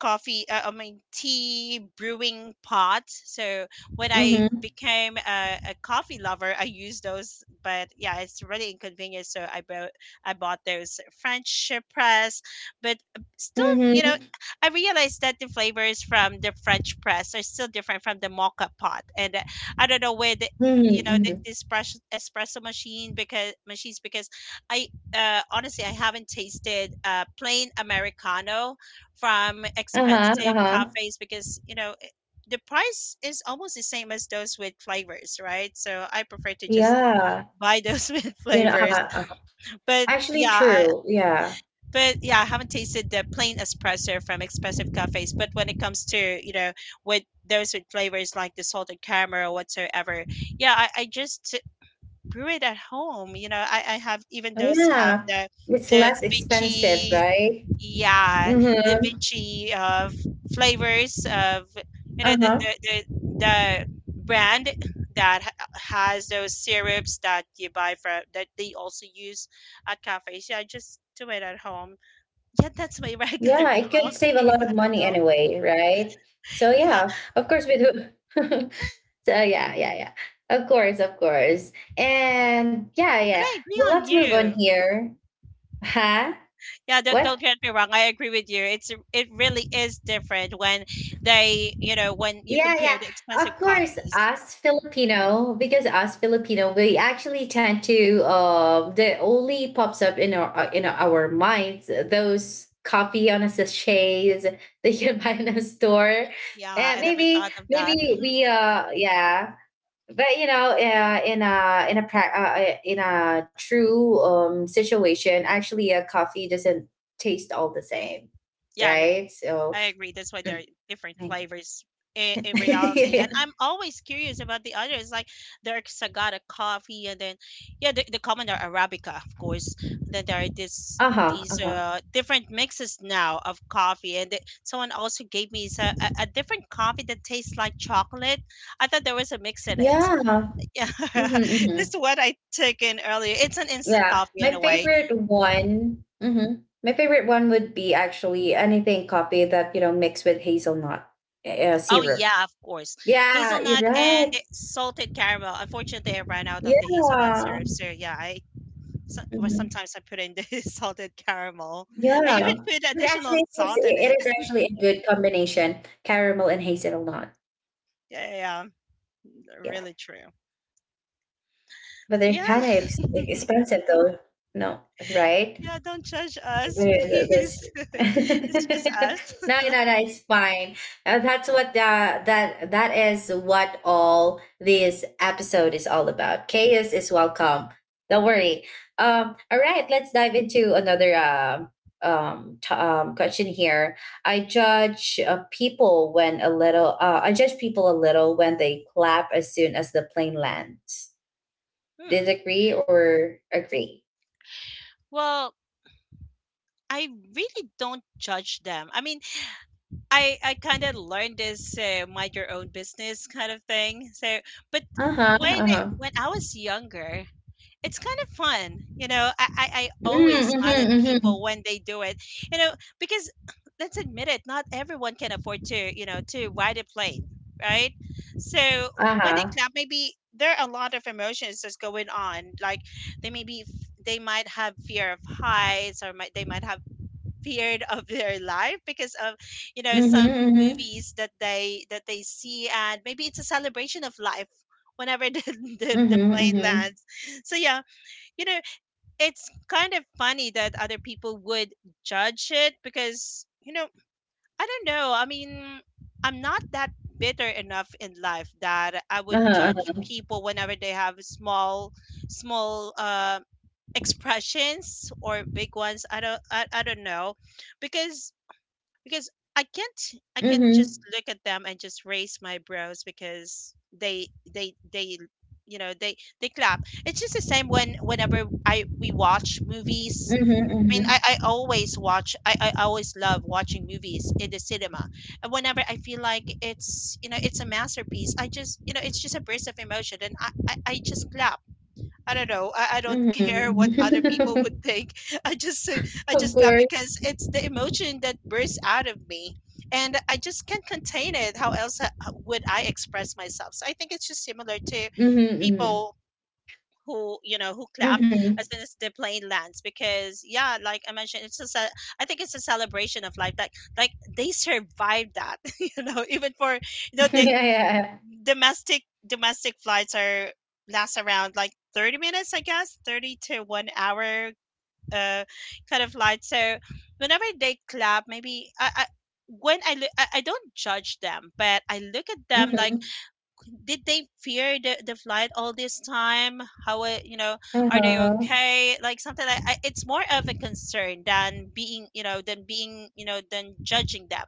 Speaker 2: coffee I mean tea brewing pots. So when
Speaker 1: hmm
Speaker 2: I
Speaker 1: hmm
Speaker 2: became a coffee lover, I use those. But yeah, it's really inconvenient. So I bought those French press, but still, you know,
Speaker 1: hmm
Speaker 2: I realized that the flavors from the French press are still different from the mocha pot. And I don't know where the, you know, the,
Speaker 1: hmm.
Speaker 2: the espresso, espresso machines, because I, honestly, I haven't tasted plain americano from
Speaker 1: Uh huh. Uh
Speaker 2: expensive
Speaker 1: huh.
Speaker 2: cafes, because you know, the price is almost the same as those with flavors, right? So I prefer to just
Speaker 1: Yeah.
Speaker 2: buy those with
Speaker 1: You know.
Speaker 2: flavors. But
Speaker 1: Actually,
Speaker 2: yeah, i
Speaker 1: true. Yeah.
Speaker 2: but yeah i haven't tasted the plain espresso from expensive cafes, but when it comes to, you know, with those with flavors like the salted caramel or whatsoever, yeah, I just brew it at home. You know, I have even
Speaker 1: Oh,
Speaker 2: those, have
Speaker 1: yeah.
Speaker 2: the
Speaker 1: It's
Speaker 2: the
Speaker 1: less expensive,
Speaker 2: vinci
Speaker 1: right?
Speaker 2: yeah da
Speaker 1: Mm-hmm.
Speaker 2: vinci of flavors of, you know,
Speaker 1: Uh
Speaker 2: the
Speaker 1: huh.
Speaker 2: the, the, the brand that has those syrups that you buy from that they also use at cafes. Yeah, I just do it at home. Yeah, that's my regular
Speaker 1: Yeah. It could save a
Speaker 2: coffee.
Speaker 1: lot
Speaker 2: I
Speaker 1: of
Speaker 2: don't
Speaker 1: money
Speaker 2: know.
Speaker 1: anyway, right? So
Speaker 2: Yeah,
Speaker 1: yeah. Of course, we do. So yeah, yeah, yeah. Of course, of course. And yeah,
Speaker 2: but
Speaker 1: yeah.
Speaker 2: I agree
Speaker 1: Well,
Speaker 2: on
Speaker 1: let's move on
Speaker 2: you.
Speaker 1: here. Huh?
Speaker 2: Yeah,
Speaker 1: What?
Speaker 2: don't get me wrong, I agree with you, it's, it really is different when they, you know, when you
Speaker 1: Yeah, yeah.
Speaker 2: compare the
Speaker 1: Of
Speaker 2: expensive
Speaker 1: course,
Speaker 2: coffees.
Speaker 1: us Filipino, because us Filipino, we actually tend to the only pops up in our minds those coffee on a sachets that you buy in a store.
Speaker 2: Yeah,
Speaker 1: And
Speaker 2: I never
Speaker 1: maybe
Speaker 2: thought of that.
Speaker 1: maybe we yeah, but you know in a in a true situation, actually a coffee doesn't taste all the same,
Speaker 2: Yeah, I mean,
Speaker 1: right? So
Speaker 2: I agree. That's why there are
Speaker 1: mm,
Speaker 2: different flavors in reality. And
Speaker 1: yeah.
Speaker 2: I'm always curious about the others. Like, there's Sagada coffee, and then yeah, the common are Arabica, of course. Then there are this
Speaker 1: Uh-huh,
Speaker 2: these
Speaker 1: uh-huh.
Speaker 2: different mixes now of coffee. And someone also gave me a different coffee that tastes like chocolate. I thought there was a mix in it.
Speaker 1: Yeah,
Speaker 2: Yeah,
Speaker 1: mm-hmm,
Speaker 2: this
Speaker 1: hmm.
Speaker 2: is what I took in earlier. It's an instant
Speaker 1: Yeah
Speaker 2: coffee in
Speaker 1: my
Speaker 2: a way.
Speaker 1: favorite one, hmm, my favorite one would be actually anything coffee that you know mixed with hazelnut
Speaker 2: Oh
Speaker 1: syrup.
Speaker 2: yeah, of course.
Speaker 1: Yeah you're
Speaker 2: Hazelnut
Speaker 1: right.
Speaker 2: and salted caramel. Unfortunately, I ran out of the hazelnut
Speaker 1: Yeah.
Speaker 2: syrup, so yeah, I, well,
Speaker 1: Mm-hmm.
Speaker 2: sometimes I put in the salted caramel. I
Speaker 1: Yeah,
Speaker 2: even put
Speaker 1: but
Speaker 2: additional
Speaker 1: actually,
Speaker 2: salt in it.
Speaker 1: it is actually a good combination, caramel and hazelnut.
Speaker 2: Yeah, yeah, yeah,
Speaker 1: Yeah,
Speaker 2: really true.
Speaker 1: but they're
Speaker 2: Yeah,
Speaker 1: kind of expensive though. No, right?
Speaker 2: yeah. Don't judge us,
Speaker 1: Very well, that's
Speaker 2: please.
Speaker 1: it.
Speaker 2: It's just us.
Speaker 1: No, no, no, it's fine. That's what that is what all this episode is all about. Chaos is welcome. Don't worry. All right, let's dive into another question here. I judge people when a little. I judge people a little when they clap as soon as the plane lands.
Speaker 2: Hmm.
Speaker 1: Disagree or agree?
Speaker 2: Well, I really don't judge them. I mean, I kind of learned this mind your own business kind of thing. So, but
Speaker 1: Uh huh. Uh huh.
Speaker 2: when I was younger, it's kind of fun, you know. I always smile at
Speaker 1: Mm-hmm.
Speaker 2: people when they do it, you know, because let's admit it, not everyone can afford to, you know, to ride a plane, right? So when they
Speaker 1: Uh-huh.
Speaker 2: clap, maybe there are a lot of emotions that's going on. Like, they may be they might have fear of heights, or might they might have period of their life because of, you know,
Speaker 1: Mhm,
Speaker 2: some
Speaker 1: mhm.
Speaker 2: movies that they see. And maybe it's a celebration of life whenever the,
Speaker 1: Mhm,
Speaker 2: the plane
Speaker 1: mhm.
Speaker 2: lands. So yeah, you know, it's kind of funny that other people would judge it, because you know, I don't know, I mean, I'm not that bitter enough in life that I would
Speaker 1: Uh-huh,
Speaker 2: judge
Speaker 1: uh-huh.
Speaker 2: people whenever they have small expressions or big ones. I don't know, because, I can't, I can't just
Speaker 1: Mhm.
Speaker 2: look at them and just raise my brows because they, you know, they clap. It's just the same when, whenever I we watch movies.
Speaker 1: Mhm,
Speaker 2: I mean,
Speaker 1: mhm.
Speaker 2: I always watch. I always love watching movies in the cinema. And whenever I feel like it's, you know, it's a masterpiece, I just, you know, it's just a burst of emotion, and I just clap. I don't know. I don't care
Speaker 1: Mhm.
Speaker 2: what other people would think. I just, I
Speaker 1: Of
Speaker 2: just laugh
Speaker 1: course.
Speaker 2: because it's the emotion that bursts out of me, and I just can't contain it. How else would I express myself? So I think it's just similar to
Speaker 1: Mhm, mhm.
Speaker 2: people who, you know, who clap
Speaker 1: Mhm.
Speaker 2: as soon as the plane lands, because yeah, like I mentioned, it's just a, I think it's a celebration of life, that, like, they survived that. You know, even for you know
Speaker 1: Yeah,
Speaker 2: they
Speaker 1: yeah, yeah.
Speaker 2: domestic flights are last around like 30 minutes, I guess, 30 to 1 hour uh kind of flight. So whenever they clap, maybe I, when I look, I don't judge them, but I look at them like,
Speaker 1: Mhm.
Speaker 2: did they fear the flight all this time? How, you know, are they
Speaker 1: Uh-huh.
Speaker 2: okay? Like something like, I, it's more of a concern than being, you know, than judging them.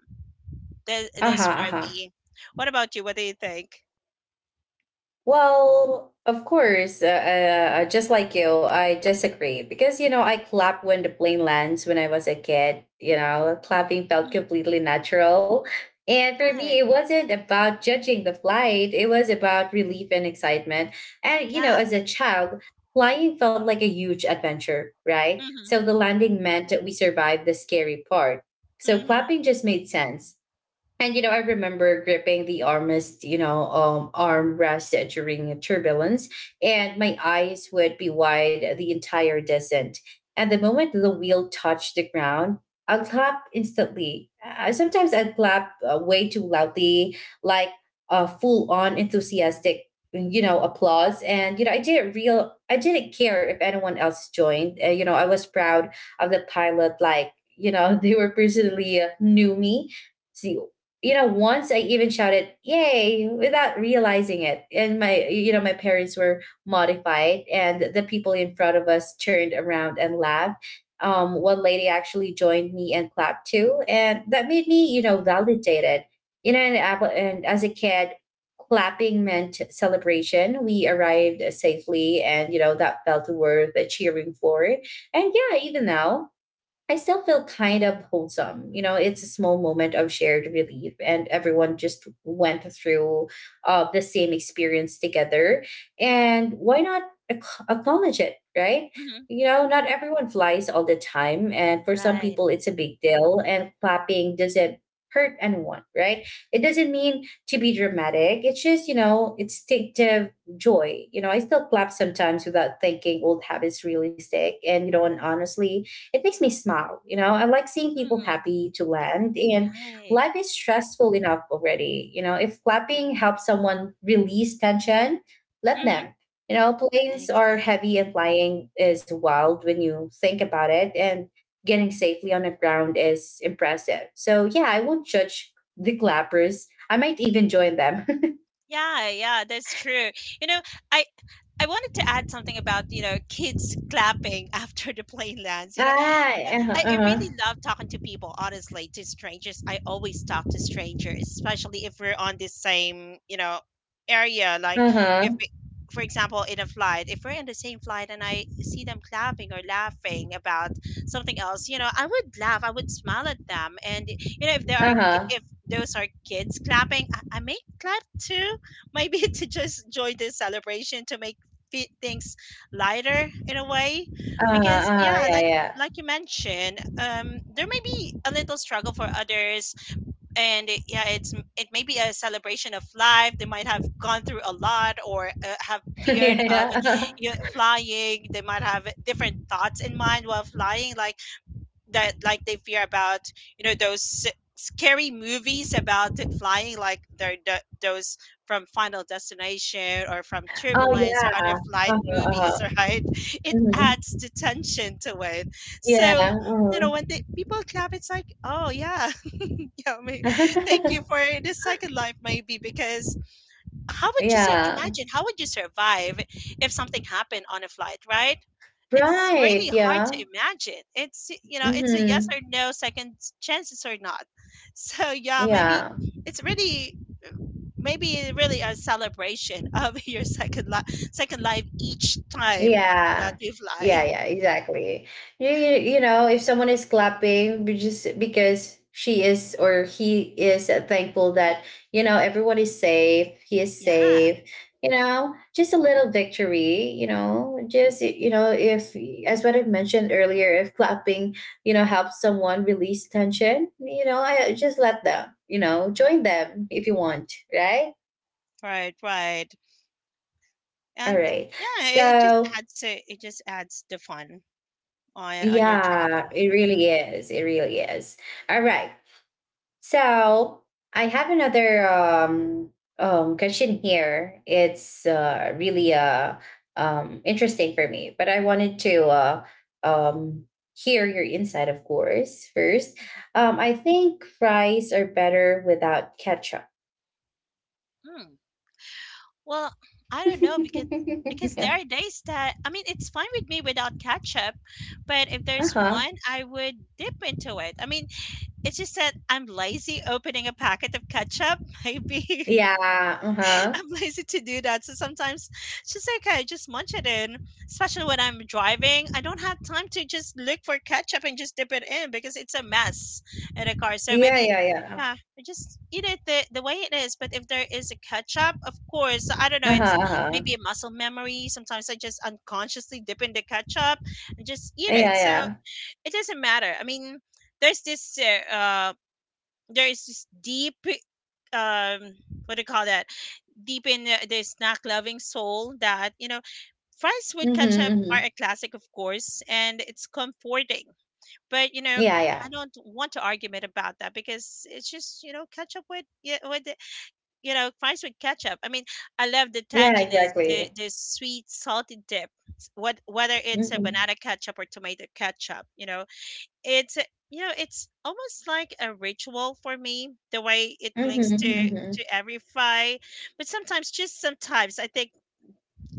Speaker 2: That
Speaker 1: Uh-huh,
Speaker 2: is for
Speaker 1: uh-huh.
Speaker 2: me. What about you? What do you think?
Speaker 1: Well, of course, just like you, I disagree, because you know I clap when the plane lands. When I was a kid, you know, clapping felt
Speaker 2: Mhm.
Speaker 1: completely natural, and for me, it
Speaker 2: Right.
Speaker 1: wasn't about judging the flight. It was about relief and excitement. And you know,
Speaker 2: Yeah.
Speaker 1: as a child, flying felt like a huge adventure, right?
Speaker 2: Mhm.
Speaker 1: So the landing meant that we survived the scary part. So
Speaker 2: Mhm.
Speaker 1: clapping just made sense. And you know, I remember gripping the armrest, you know, armrest during turbulence, and my eyes would be wide the entire descent. And the moment the wheel touched the ground, I'd clap instantly. Sometimes I'd clap way too loudly, like full on enthusiastic, you know, applause. And you know, I didn't care if anyone else joined. You know, I was proud of the pilot, like you know, they were personally knew me see you know, once I even shouted "Yay!" without realizing it, and my you know my parents were modified, and the people in front of us turned around and laughed. One lady actually joined me and clapped too, and that made me validated. You know, and as a kid, clapping meant celebration. We arrived safely, and you know that felt worth cheering for. And yeah, even now. I still feel kind of wholesome. You know, it's a small moment of shared relief, and everyone just went through the same experience together. And why not acknowledge it, right?
Speaker 2: Mhm.
Speaker 1: You know, not everyone flies all the time. And for some
Speaker 2: Right.
Speaker 1: people, it's a big deal, and clapping doesn't hurt anyone, right? It doesn't mean to be dramatic. It's just, you know, instinctive joy. You know, I still clap sometimes without thinking. Old habits really stick. And honestly, it makes me smile. You know, I like seeing people
Speaker 2: Mhm.
Speaker 1: happy to land, and
Speaker 2: Right.
Speaker 1: life is stressful enough already. You know, if clapping helps someone release tension, let
Speaker 2: Mhm.
Speaker 1: them. You know, planes are
Speaker 2: Exactly.
Speaker 1: heavy and flying is wild when you think about it, and getting safely on the ground is impressive. So, yeah, I won't judge the clappers. I might even join them.
Speaker 2: Yeah, yeah, that's true. You know, I I wanted to add something about, you know, kids clapping after the plane lands. You know,
Speaker 1: Ah,
Speaker 2: uh,
Speaker 1: uh
Speaker 2: I really
Speaker 1: huh,
Speaker 2: love talking to people, honestly, to strangers. I always talk to strangers, especially if we're on this same, you know, area. Like,
Speaker 1: uh huh, uh
Speaker 2: if, it-
Speaker 1: huh,
Speaker 2: for example, in a flight, if we're in the same flight and I see them clapping or laughing about something else, you know, I would laugh, I would smile at them. And you know, if there are,
Speaker 1: uh huh,
Speaker 2: if those are kids clapping, I may clap too, maybe to just join this celebration, to make things lighter in a way,
Speaker 1: uh
Speaker 2: because
Speaker 1: huh,
Speaker 2: yeah,
Speaker 1: yeah, yeah.
Speaker 2: like you mentioned, um, there may be a little struggle for others. And yeah, it may be a celebration of life. They might have gone through a lot, or have feared
Speaker 1: Yeah,
Speaker 2: of,
Speaker 1: yeah.
Speaker 2: you know, flying. They might have different thoughts in mind while flying, like that, like they fear about, you know, those scary movies about it, flying, like they're the, those from Final Destination or from
Speaker 1: Oh,
Speaker 2: Turbulence or
Speaker 1: yeah.
Speaker 2: other flight
Speaker 1: Uh-huh, uh-huh.
Speaker 2: movies, right? It
Speaker 1: Mhm.
Speaker 2: adds the tension to it.
Speaker 1: Yeah,
Speaker 2: So, you know,
Speaker 1: mhm.
Speaker 2: when the people clap, it's like, oh yeah, yeah, I mean, thank you for the second life, maybe, because how would you
Speaker 1: Yeah.
Speaker 2: imagine, how would you survive if something happened on a flight, right? It's
Speaker 1: Right,
Speaker 2: really hard
Speaker 1: yeah.
Speaker 2: to imagine. It's, you know, it's a yes
Speaker 1: Mhm.
Speaker 2: or no, second chances or not. So yeah, maybe
Speaker 1: Yeah.
Speaker 2: it's really, maybe really a celebration of your second life, second life, each time that
Speaker 1: Yeah.
Speaker 2: you fly.
Speaker 1: Yeah, yeah, exactly. If someone is clapping just because she is or he is thankful that, you know, everyone is safe, he is
Speaker 2: Yeah,
Speaker 1: safe, you know, just a little victory, you know, just, you know, if, as what I've mentioned earlier, if clapping, you know, helps someone release tension, you know, I just let them, you know, join them if you want, right?
Speaker 2: right, right.
Speaker 1: All
Speaker 2: And
Speaker 1: right.
Speaker 2: yeah, it just
Speaker 1: So,
Speaker 2: adds to, it just adds the fun on your
Speaker 1: yeah,
Speaker 2: travel.
Speaker 1: it really is. It really is. All right. So I have another question here. It's really interesting for me, but I wanted to um, hear your insight, of course, first. I think fries are better without ketchup.
Speaker 2: Well, I don't know, because, there
Speaker 1: Uh
Speaker 2: are days that, I mean, it's fine with me without ketchup, but if there's
Speaker 1: huh.
Speaker 2: one, I would dip into it. I mean, it's just that I'm lazy opening a packet of ketchup, maybe.
Speaker 1: Yeah. Uh huh.
Speaker 2: I'm lazy to do that. So sometimes it's just okay, just munch it in. Especially when I'm driving, I don't have time to just look for ketchup and just dip it in because it's a mess in a car. So
Speaker 1: Yeah.
Speaker 2: maybe
Speaker 1: Yeah. Yeah.
Speaker 2: yeah, I just eat it the way it is. But if there is a ketchup, of course, I don't know,
Speaker 1: Uh
Speaker 2: it's
Speaker 1: huh. Uh huh.
Speaker 2: maybe a muscle memory. Sometimes I just unconsciously dip in the ketchup and just eat
Speaker 1: Yeah.
Speaker 2: it. So
Speaker 1: Yeah.
Speaker 2: it doesn't matter. I mean, there's this there is this deep, um, what do you call that? Deep in the snack loving soul, that fries with
Speaker 1: Mm-hmm,
Speaker 2: ketchup are
Speaker 1: mm-hmm.
Speaker 2: a classic, of course, and it's comforting. But
Speaker 1: Yeah,
Speaker 2: I
Speaker 1: yeah.
Speaker 2: don't want to argument about that because it's just, ketchup with, yeah, with fries with ketchup. I mean, I love the
Speaker 1: Yeah,
Speaker 2: tanginess, the
Speaker 1: exactly.
Speaker 2: the sweet salty dip, what whether it's a
Speaker 1: Mhm.
Speaker 2: banana ketchup or tomato ketchup, you know. You know, it's almost like a ritual for me, the way it clings
Speaker 1: Mhm,
Speaker 2: to
Speaker 1: mhm.
Speaker 2: every fry. But sometimes, just sometimes, I think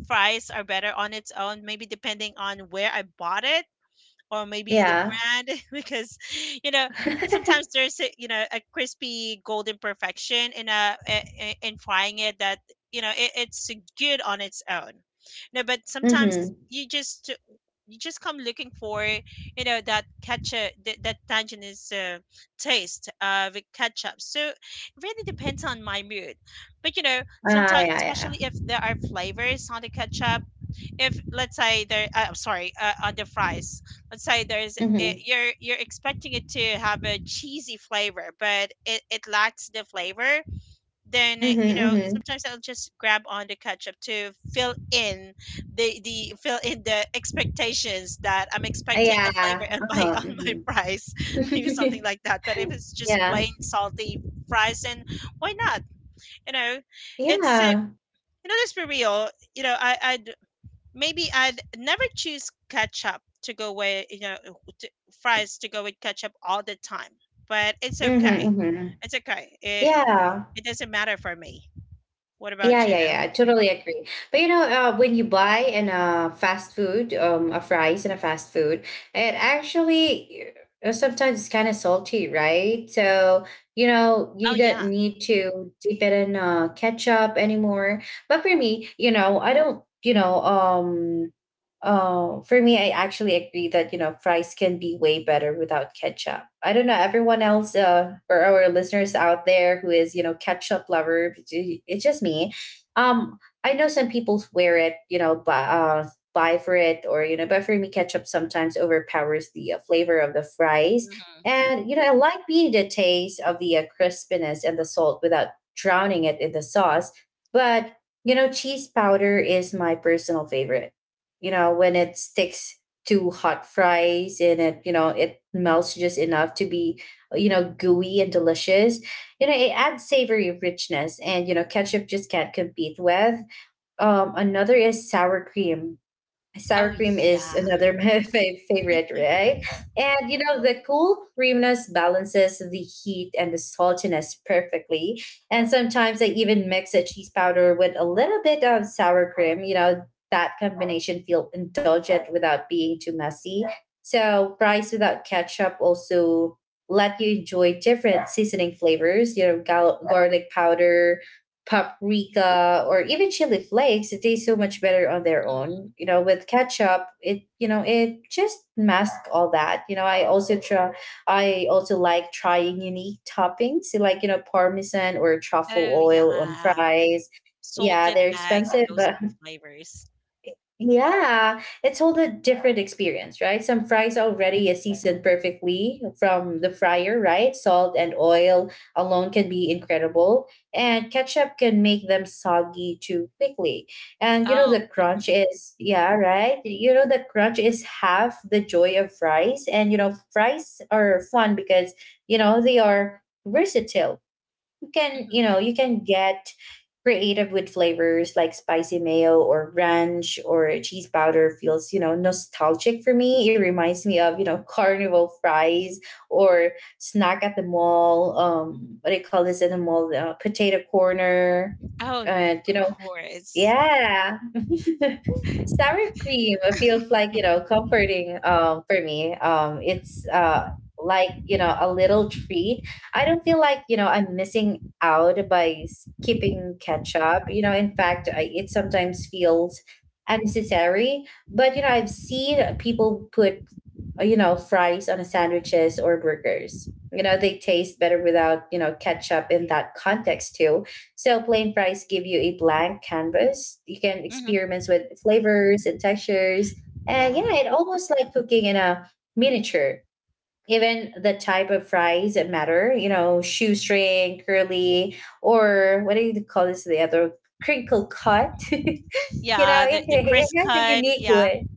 Speaker 2: fries are better on its own, maybe depending on where I bought it or maybe the
Speaker 1: Yeah.
Speaker 2: brand because you know sometimes there's a crispy golden perfection in in frying it that, it's good on its own. No, but sometimes
Speaker 1: Mhm.
Speaker 2: you just come looking for, that ketchup, that, that tanginess, taste of ketchup, so it really depends on my mood. But
Speaker 1: Ah,
Speaker 2: sometimes,
Speaker 1: yeah, yeah.
Speaker 2: especially if there are flavors on the ketchup, if let's say there I'm sorry, on the fries, let's say
Speaker 1: Mhm.
Speaker 2: you're expecting it to have a cheesy flavor, but it lacks the flavor. Then
Speaker 1: Mhm, mhm.
Speaker 2: sometimes I'll just grab on the ketchup to fill in the fill in the expectations that I'm expecting a flavor
Speaker 1: Yeah.
Speaker 2: on my
Speaker 1: Uh-huh,
Speaker 2: on my
Speaker 1: mhm.
Speaker 2: fries. Maybe something like that. But if it's just
Speaker 1: Yeah.
Speaker 2: plain salty fries, then why not, you know? It's
Speaker 1: Yeah.
Speaker 2: let's be real. I maybe I'd never choose ketchup to go with, you know, to, fries to go with ketchup all the time. But it's
Speaker 1: Mhm,
Speaker 2: okay.
Speaker 1: mhm.
Speaker 2: It's okay.
Speaker 1: Yeah.
Speaker 2: It doesn't matter for me. What
Speaker 1: Yeah,
Speaker 2: about
Speaker 1: yeah,
Speaker 2: you?
Speaker 1: yeah. I totally agree. But you know, when you buy in a fast food, a fries in a fast food, it actually sometimes it's kind of salty, right? So you know, you
Speaker 2: Oh
Speaker 1: don't
Speaker 2: yeah.
Speaker 1: need to dip it in ketchup anymore. But for me, you know, I don't. You know, for me, I actually agree that you know fries can be way better without ketchup. I don't know everyone else or our listeners out there who is you know ketchup lover. It's just me um, I know some people wear it, you know, buy for it or, you know, but for me, ketchup sometimes overpowers the flavor of the fries. And, you know, I like being the taste of the crispiness and the salt without drowning it in the sauce. But, you know, cheese powder is my personal favorite. You know, when it sticks to hot fries and it, you know, it melts just enough to be, you know, gooey and delicious. You know, it adds savory richness, and you know ketchup just can't compete with another is sour cream.
Speaker 2: Oh
Speaker 1: Sour cream is
Speaker 2: yeah.
Speaker 1: another favorite, right? And you know, the cool creaminess balances the heat and the saltiness perfectly. And sometimes I even mix a cheese powder with a little bit of sour cream. You know, that combination feel indulgent without being too messy. So fries without ketchup also let you enjoy different seasoning flavors. You know, garlic powder, paprika or even chili flakes, it tastes so much better on their
Speaker 2: Mm.
Speaker 1: own. You know, with ketchup, it, you know, it just masks all that. You know, I also like trying unique toppings like you know parmesan or truffle
Speaker 2: Oh
Speaker 1: oil on
Speaker 2: yeah.
Speaker 1: fries. Yeah,
Speaker 2: Salted
Speaker 1: they're
Speaker 2: egg and
Speaker 1: expensive,
Speaker 2: those
Speaker 1: but
Speaker 2: new flavors.
Speaker 1: yeah, it's all a different experience, right? Some fries already is seasoned perfectly from the fryer, right? Salt and oil alone can be incredible, and ketchup can make them soggy too quickly. And you know
Speaker 2: Oh.
Speaker 1: the
Speaker 2: Hmm
Speaker 1: crunch is, yeah, right? You know the crunch is half the joy of fries, and you know fries are fun because you know they are versatile. You can,
Speaker 2: hmm.
Speaker 1: you know, you can get creative with flavors like spicy mayo or ranch or cheese powder. Feels, you know, nostalgic for me. It reminds me of, you know, carnival fries or snack at the mall. What do you call this in the mall? Potato corner.
Speaker 2: Oh, of
Speaker 1: And you know,
Speaker 2: course.
Speaker 1: yeah. Sour cream feels like, you know, comforting for me. It's like, you know, a little treat. I don't feel like, you know, I'm missing out by skipping ketchup. You know, in fact, I, it sometimes feels unnecessary, but you know, I've seen people put you know, fries on sandwiches or burgers. You know, they taste better without, you know, ketchup in that context too. So plain fries give you a blank canvas. You can
Speaker 2: Hmm.
Speaker 1: experiment with flavors and textures. And
Speaker 2: Yeah.
Speaker 1: yeah, it almost like cooking in a miniature. Even the type of fries that matter, you know, shoestring, curly, or what do you call this, the other, crinkle cut? You know,
Speaker 2: Yeah. The
Speaker 1: it,
Speaker 2: the
Speaker 1: it
Speaker 2: crisp
Speaker 1: has a
Speaker 2: cut.
Speaker 1: unique
Speaker 2: Yeah.
Speaker 1: way.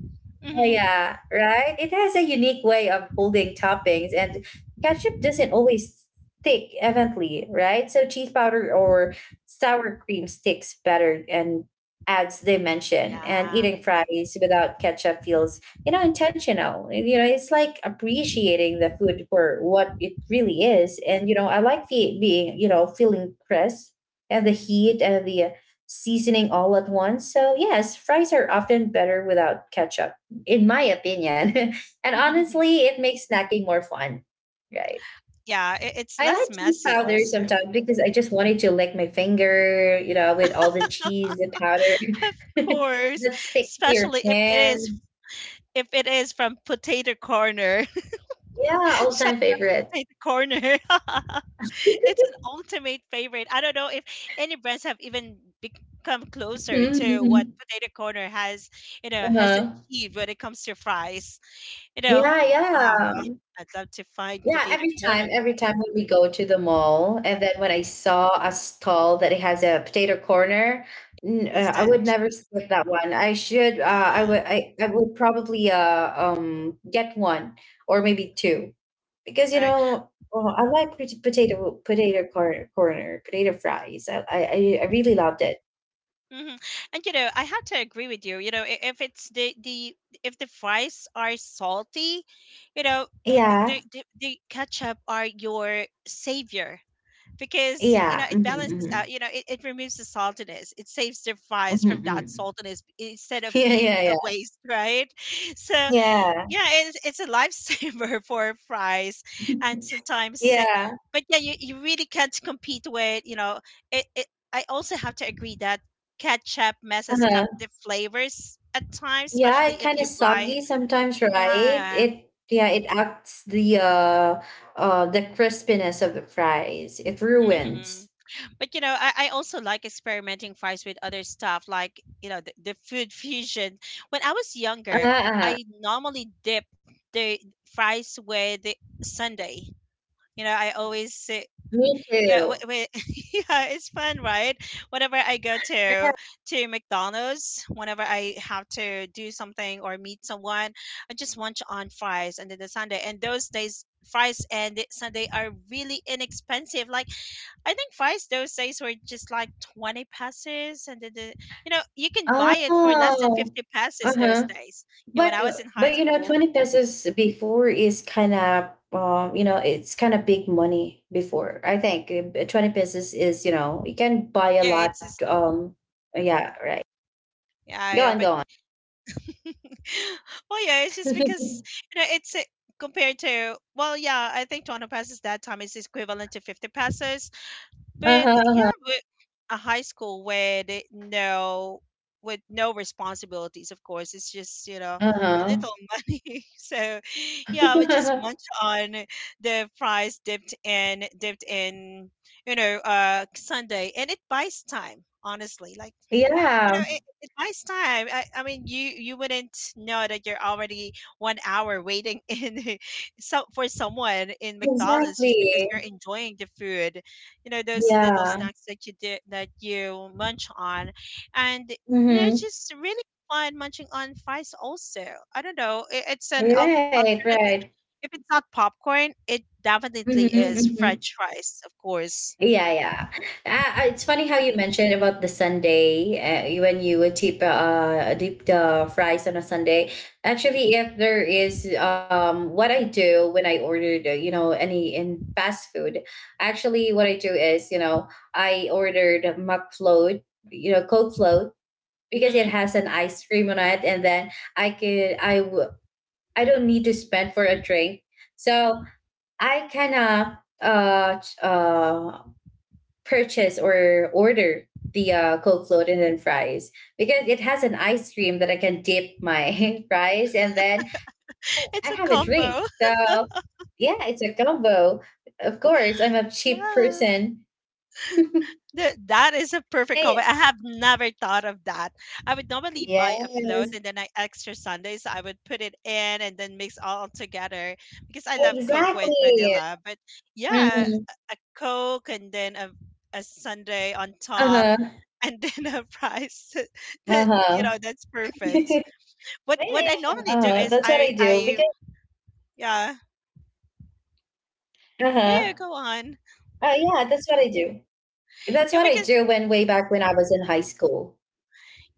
Speaker 1: Oh,
Speaker 2: Hmm.
Speaker 1: yeah, right? It has a unique way of holding toppings, and ketchup doesn't always stick evenly, right? So cheese powder or sour cream sticks better and adds dimension.
Speaker 2: Yeah.
Speaker 1: And eating fries without ketchup feels, you know, intentional. You know, it's like appreciating the food for what it really is. And, you know, I like the being, you know, feeling crisp and the heat and the seasoning all at once. So, yes, fries are often better without ketchup, in my opinion. And honestly, it makes snacking more fun, right?
Speaker 2: Yeah. It, it's
Speaker 1: I like
Speaker 2: less
Speaker 1: cheese
Speaker 2: messy
Speaker 1: powder
Speaker 2: also.
Speaker 1: sometimes because I just wanted to lick my finger, you know, with all the cheese and powder
Speaker 2: Of course,
Speaker 1: that stick to your
Speaker 2: especially
Speaker 1: hand.
Speaker 2: if it is from Potato Corner.
Speaker 1: Yeah, all
Speaker 2: Shout
Speaker 1: time
Speaker 2: out to
Speaker 1: favorite.
Speaker 2: Potato Corner. It's an ultimate favorite. I don't know if any brands have even become closer
Speaker 1: Mhm,
Speaker 2: to what
Speaker 1: mhm.
Speaker 2: Potato Corner has, you know, has
Speaker 1: Uh-huh.
Speaker 2: achieved when it comes to fries. You know,
Speaker 1: Yeah,
Speaker 2: wow,
Speaker 1: yeah.
Speaker 2: I'd love to find
Speaker 1: Yeah,
Speaker 2: Potato Corner in an
Speaker 1: every time when we go to the mall, and then when I saw a stall that it has a potato corner, I would
Speaker 2: instant.
Speaker 1: never skip that one. I should, I
Speaker 2: Yeah,
Speaker 1: would, I would probably get one or maybe two, because you
Speaker 2: right.
Speaker 1: know, oh, I like potato corner, potato fries. I really loved it.
Speaker 2: Mhm. And you know, I have to agree with you. You know, if it's the if the fries are salty, you know, the
Speaker 1: Yeah,
Speaker 2: the ketchup are your savior, because you know
Speaker 1: yeah,
Speaker 2: it balances
Speaker 1: hmm
Speaker 2: out. You know, it removes the saltiness. It saves the fries
Speaker 1: hmm
Speaker 2: from that
Speaker 1: hmm.
Speaker 2: saltiness instead of being
Speaker 1: Yeah,
Speaker 2: a
Speaker 1: yeah,
Speaker 2: waste, right? So
Speaker 1: yeah,
Speaker 2: yeah, it's a lifesaver for fries, and
Speaker 1: yeah,
Speaker 2: sometimes,
Speaker 1: yeah.
Speaker 2: but yeah, you really can't compete with, you know, it, it. I also have to agree that ketchup messes up
Speaker 1: Uh-huh.
Speaker 2: the flavors at times,
Speaker 1: Yeah, it
Speaker 2: especially if
Speaker 1: kind
Speaker 2: you
Speaker 1: of
Speaker 2: buy.
Speaker 1: soggy sometimes, right?
Speaker 2: Yeah.
Speaker 1: It, yeah, it acts the crispiness of the fries. It
Speaker 2: Hmm.
Speaker 1: ruins.
Speaker 2: But you know, I also like experimenting fries with other stuff, like, you know, the food fusion. When I was younger,
Speaker 1: Uh-uh.
Speaker 2: I normally dip the fries with the sundae. You know, I always
Speaker 1: Me
Speaker 2: yeah, wait,
Speaker 1: too.
Speaker 2: wait. Yeah, it's fun, right? Whenever I go to McDonald's, whenever I have to do something or meet someone, I just munch on fries and then the sundae. And those days, fries and the sundae are really inexpensive. Like, I think fries those days were just like 20 pesos, and then the, you can buy it for less than
Speaker 1: Oh.
Speaker 2: 50 pesos those
Speaker 1: Uh-huh.
Speaker 2: days. Yeah, when
Speaker 1: But
Speaker 2: I was in high
Speaker 1: you know,
Speaker 2: school.
Speaker 1: 20 pesos before is kind of you know, it's kind of big money before. I think 20 pesos is, you know, you can buy a
Speaker 2: Yeah, it's
Speaker 1: lot.
Speaker 2: still
Speaker 1: Yeah, right.
Speaker 2: yeah,
Speaker 1: Go
Speaker 2: yeah.
Speaker 1: on,
Speaker 2: But
Speaker 1: go on.
Speaker 2: well, yeah, it's just because, you know it's a, compared to well, yeah, I think 20 pesos that time is equivalent to 50 pesos, but yeah,
Speaker 1: Uh-huh.
Speaker 2: with a high school with no responsibilities, of course, it's just, a little
Speaker 1: Uh-huh.
Speaker 2: money. So yeah, we just
Speaker 1: Uh-huh.
Speaker 2: munch on the fries dipped in dipped in, Sunday, and it buys time. Honestly, like,
Speaker 1: Yeah,
Speaker 2: it buys time. I mean, you wouldn't know that you're already 1 hour waiting in so for someone in McDonald's just
Speaker 1: exactly.
Speaker 2: because you're enjoying the food. You know, those little
Speaker 1: Yeah.
Speaker 2: snacks that you did that you munch on, and, it's
Speaker 1: Mm-hmm.
Speaker 2: just really fun munching on fries. Also, I don't know,
Speaker 1: Right,
Speaker 2: alternative.
Speaker 1: right.
Speaker 2: If it's not popcorn, it definitely
Speaker 1: Mm-hmm,
Speaker 2: is
Speaker 1: mm-hmm.
Speaker 2: French fries, of course.
Speaker 1: Yeah, yeah. It's funny how you mentioned about the Sunday when you would dip, dip the fries on a Sunday. Actually, if there is what I do when I ordered, you know, any in fast food, actually, what I do is, you know, I ordered McFloat, you know, cold float because it
Speaker 2: Hmm.
Speaker 1: has an ice cream on it and then I could I w- I don't need to spend for a drink. So I can uh, ch- uh purchase or order the cold float and then fries because it has an ice cream that I can dip my fries. And then I have
Speaker 2: It's
Speaker 1: a
Speaker 2: a
Speaker 1: drink.
Speaker 2: combo.
Speaker 1: So yeah, it's a combo, of course. I'm a cheap
Speaker 2: Yeah.
Speaker 1: person.
Speaker 2: That is a perfect combo.
Speaker 1: Hey,
Speaker 2: I have never thought of that. I would normally buy a float
Speaker 1: yes,
Speaker 2: and then I extra sundaes. I would put it in and then mix all together because I love Coke
Speaker 1: exactly.
Speaker 2: with vanilla. But yeah,
Speaker 1: Mhm.
Speaker 2: a Coke and then a
Speaker 1: Uh-huh.
Speaker 2: sundae on top and then a
Speaker 1: Uh-huh.
Speaker 2: fries. That, you know, that's
Speaker 1: Yeah,
Speaker 2: perfect.
Speaker 1: yeah, yeah. Uh-huh. That's
Speaker 2: What I
Speaker 1: what I
Speaker 2: normally
Speaker 1: do
Speaker 2: do
Speaker 1: because
Speaker 2: is I yeah
Speaker 1: uh-huh.
Speaker 2: yeah, yeah, go on.
Speaker 1: Yeah, that's what I do. That's what I do when
Speaker 2: Yeah,
Speaker 1: way
Speaker 2: because
Speaker 1: back when I was in high school.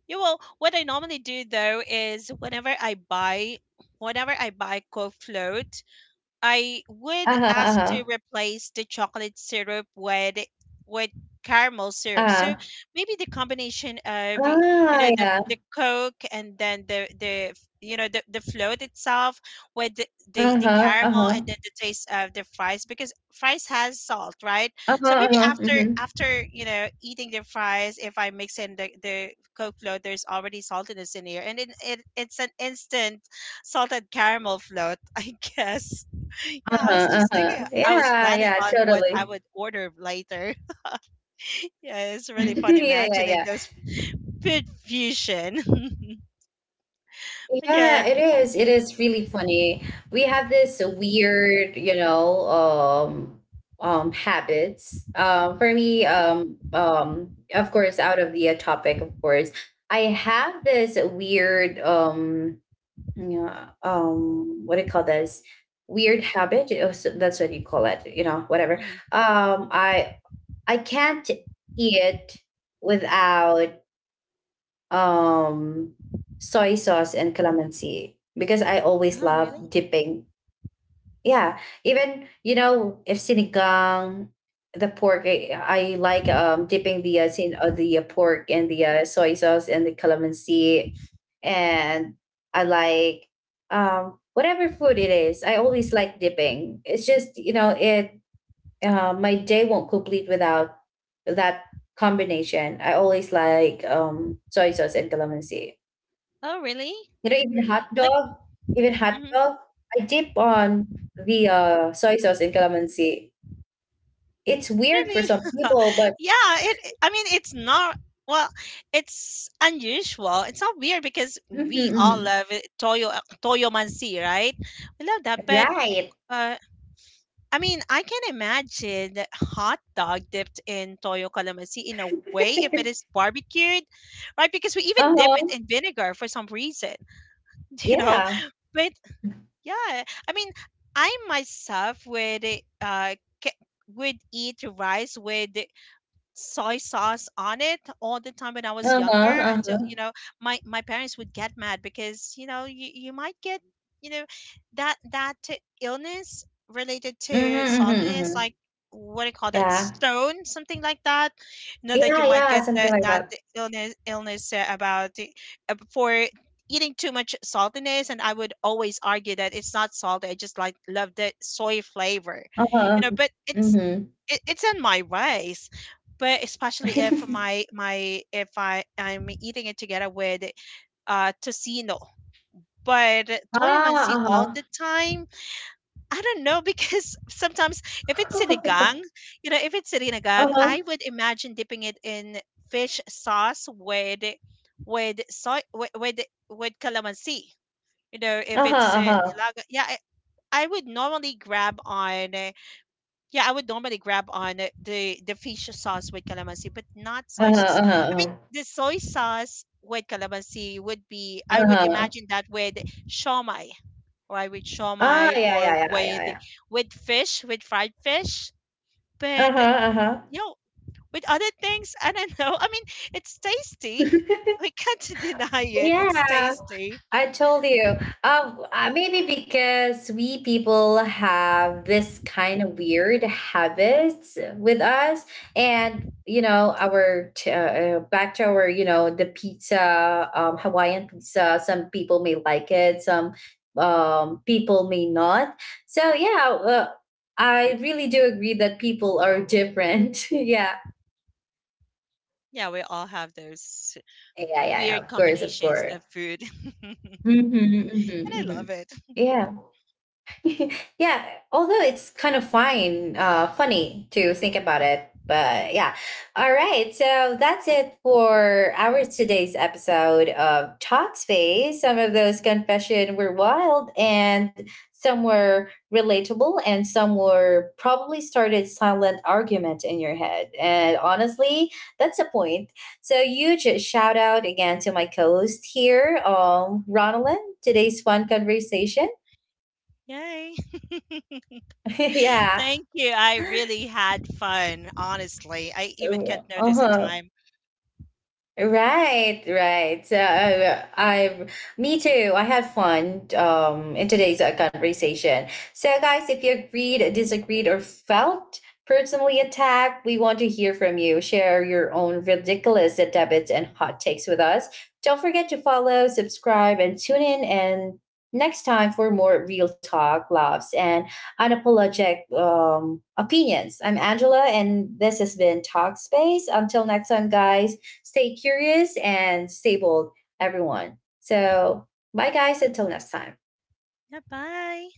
Speaker 2: yeah, well, what I normally do though is whenever I buy co float, I
Speaker 1: Uh-huh,
Speaker 2: would
Speaker 1: uh-huh.
Speaker 2: ask to replace the chocolate syrup with caramel syrup.
Speaker 1: Uh-huh.
Speaker 2: So maybe the combination of you
Speaker 1: Ah,
Speaker 2: know the
Speaker 1: yeah.
Speaker 2: the Coke and then the you know the float itself with the
Speaker 1: Uh-huh,
Speaker 2: caramel
Speaker 1: uh-huh.
Speaker 2: and then the taste of the fries, because fries has salt, right?
Speaker 1: Uh-huh,
Speaker 2: So maybe
Speaker 1: uh-huh.
Speaker 2: after
Speaker 1: Mm-hmm.
Speaker 2: after, you know, eating the fries, if I mix in the Coke float, there's already saltiness in here, and, it's an instant salted caramel float, I guess. Yeah, I was
Speaker 1: Uh-huh,
Speaker 2: just thinking,
Speaker 1: uh-huh.
Speaker 2: I was
Speaker 1: Yeah,
Speaker 2: planning
Speaker 1: yeah,
Speaker 2: on what I
Speaker 1: totally.
Speaker 2: would order later. Yeah, it's really fun
Speaker 1: Yeah, yeah, yeah.
Speaker 2: imagining those food fusion. But
Speaker 1: Yeah, it
Speaker 2: yeah.
Speaker 1: is. It is really funny. We have this weird, you know, habits. For me, of course, out of the topic, of course, I have this weird, yeah, what do you call this? Weird habit. That's what you call it. You know, whatever.
Speaker 2: Mhm.
Speaker 1: Um, I I can't eat without um soy sauce and calamansi because I always
Speaker 2: Oh, really?
Speaker 1: love dipping. Yeah, even you know if sinigang, the pork, I like dipping the sin the pork and the soy sauce and the calamansi, and I like whatever food it is. I always like dipping. It's just you know it my day won't complete without that combination. I always like soy sauce and calamansi.
Speaker 2: Oh, really?
Speaker 1: You know, even hot
Speaker 2: Like,
Speaker 1: dog, even hot
Speaker 2: mhm,
Speaker 1: dog, I dip on the soy sauce and calamansi. It's weird for
Speaker 2: really?
Speaker 1: some people, but
Speaker 2: Yeah, I mean, it's not, well, it's unusual. It's not weird because we
Speaker 1: Mhm,
Speaker 2: all
Speaker 1: mhm.
Speaker 2: love it. Toyo, toyomansi, right? We love that, but
Speaker 1: Right.
Speaker 2: uh, I mean, I can imagine that hot dog dipped in toyo calamansi in a way if it is barbecued, right? Because we even
Speaker 1: Uh
Speaker 2: dip it
Speaker 1: huh.
Speaker 2: in vinegar for some reason, you know.
Speaker 1: Yeah.
Speaker 2: But yeah, I mean, I myself would ca- would eat rice with soy sauce on it all the time when I was
Speaker 1: Uh huh.
Speaker 2: younger
Speaker 1: Uh
Speaker 2: until, you
Speaker 1: huh.
Speaker 2: know, my parents would get mad because, you know, you might get, you know that illness related
Speaker 1: Mm-hmm,
Speaker 2: to
Speaker 1: mm-hmm,
Speaker 2: saltiness,
Speaker 1: mm-hmm.
Speaker 2: like what do you call that,
Speaker 1: Yeah.
Speaker 2: stone something like that, you know, that you
Speaker 1: Yeah.
Speaker 2: might
Speaker 1: Yeah.
Speaker 2: get
Speaker 1: Something like
Speaker 2: that
Speaker 1: that.
Speaker 2: illness, about for eating too much saltiness. And I would always argue that it's not salty, I just like love the soy flavor,
Speaker 1: Uh
Speaker 2: you
Speaker 1: huh.
Speaker 2: know. But it's
Speaker 1: Mm-hmm.
Speaker 2: it's in my ways, but especially if my if I'm eating it together with tocino. But toyo mansi all
Speaker 1: Ah.
Speaker 2: the
Speaker 1: Uh
Speaker 2: time, I don't know, because sometimes if it's
Speaker 1: huh.
Speaker 2: sinigang, you know, if it's sinigang I
Speaker 1: Uh-huh.
Speaker 2: would imagine dipping it in fish sauce with soy with with calamansi. You know, if
Speaker 1: Uh-huh,
Speaker 2: it's
Speaker 1: uh-huh.
Speaker 2: nilaga, yeah, I would normally grab on yeah, I would normally grab on the fish sauce with calamansi, but not soy
Speaker 1: Uh-huh,
Speaker 2: sauce. I mean,
Speaker 1: uh-huh,
Speaker 2: the soy sauce with calamansi would be. I would
Speaker 1: uh-huh. Uh,
Speaker 2: imagine that with shawmai, right? With
Speaker 1: yeah,
Speaker 2: shawmai
Speaker 1: yeah,
Speaker 2: or
Speaker 1: yeah, yeah, yeah.
Speaker 2: with fish, with fried fish. But
Speaker 1: Uh-huh, uh-huh.
Speaker 2: you know, with other things, I don't know. I mean, it's tasty. We can't deny it. It's
Speaker 1: Yeah.
Speaker 2: tasty.
Speaker 1: I told you. Maybe because we people have this kind of weird habits with us, and you know, our back to our you know the pizza, Hawaiian pizza. Some people may like it, some people may not. So yeah, I really do agree that people are different. Yeah,
Speaker 2: Yeah, we all have those
Speaker 1: yeah, yeah, yeah.
Speaker 2: weird
Speaker 1: Of course, of
Speaker 2: combinations
Speaker 1: course.
Speaker 2: of food. And
Speaker 1: Hmm hmm
Speaker 2: I
Speaker 1: hmm.
Speaker 2: love it.
Speaker 1: Yeah. Yeah, although it's kind of fine, funny to think about it. But yeah, all right. So that's it for our today's episode of Talk Space. Some of those confession were wild, and some were relatable, and some were probably started silent argument in your head. And honestly, that's the point. So huge shout out again to my co-host here, Ronalyn. Today's fun conversation.
Speaker 2: Yay.
Speaker 1: Yeah.
Speaker 2: Thank you. I really had fun, honestly. I even
Speaker 1: Iıı,
Speaker 2: can't notice the
Speaker 1: aha,
Speaker 2: time.
Speaker 1: right, right. So me too. I had fun in today's conversation. So, guys, if you agreed, disagreed, or felt personally attacked, we want to hear from you. Share your own ridiculous debits and hot takes with us. Don't forget to follow, subscribe, and tune in. And next time for more real talk, laughs, and unapologetic opinions. I'm Angela, and this has been Talk Space. Until next time, guys, stay curious and stay bold, everyone. So, bye guys, until next time.
Speaker 2: Yeah, bye.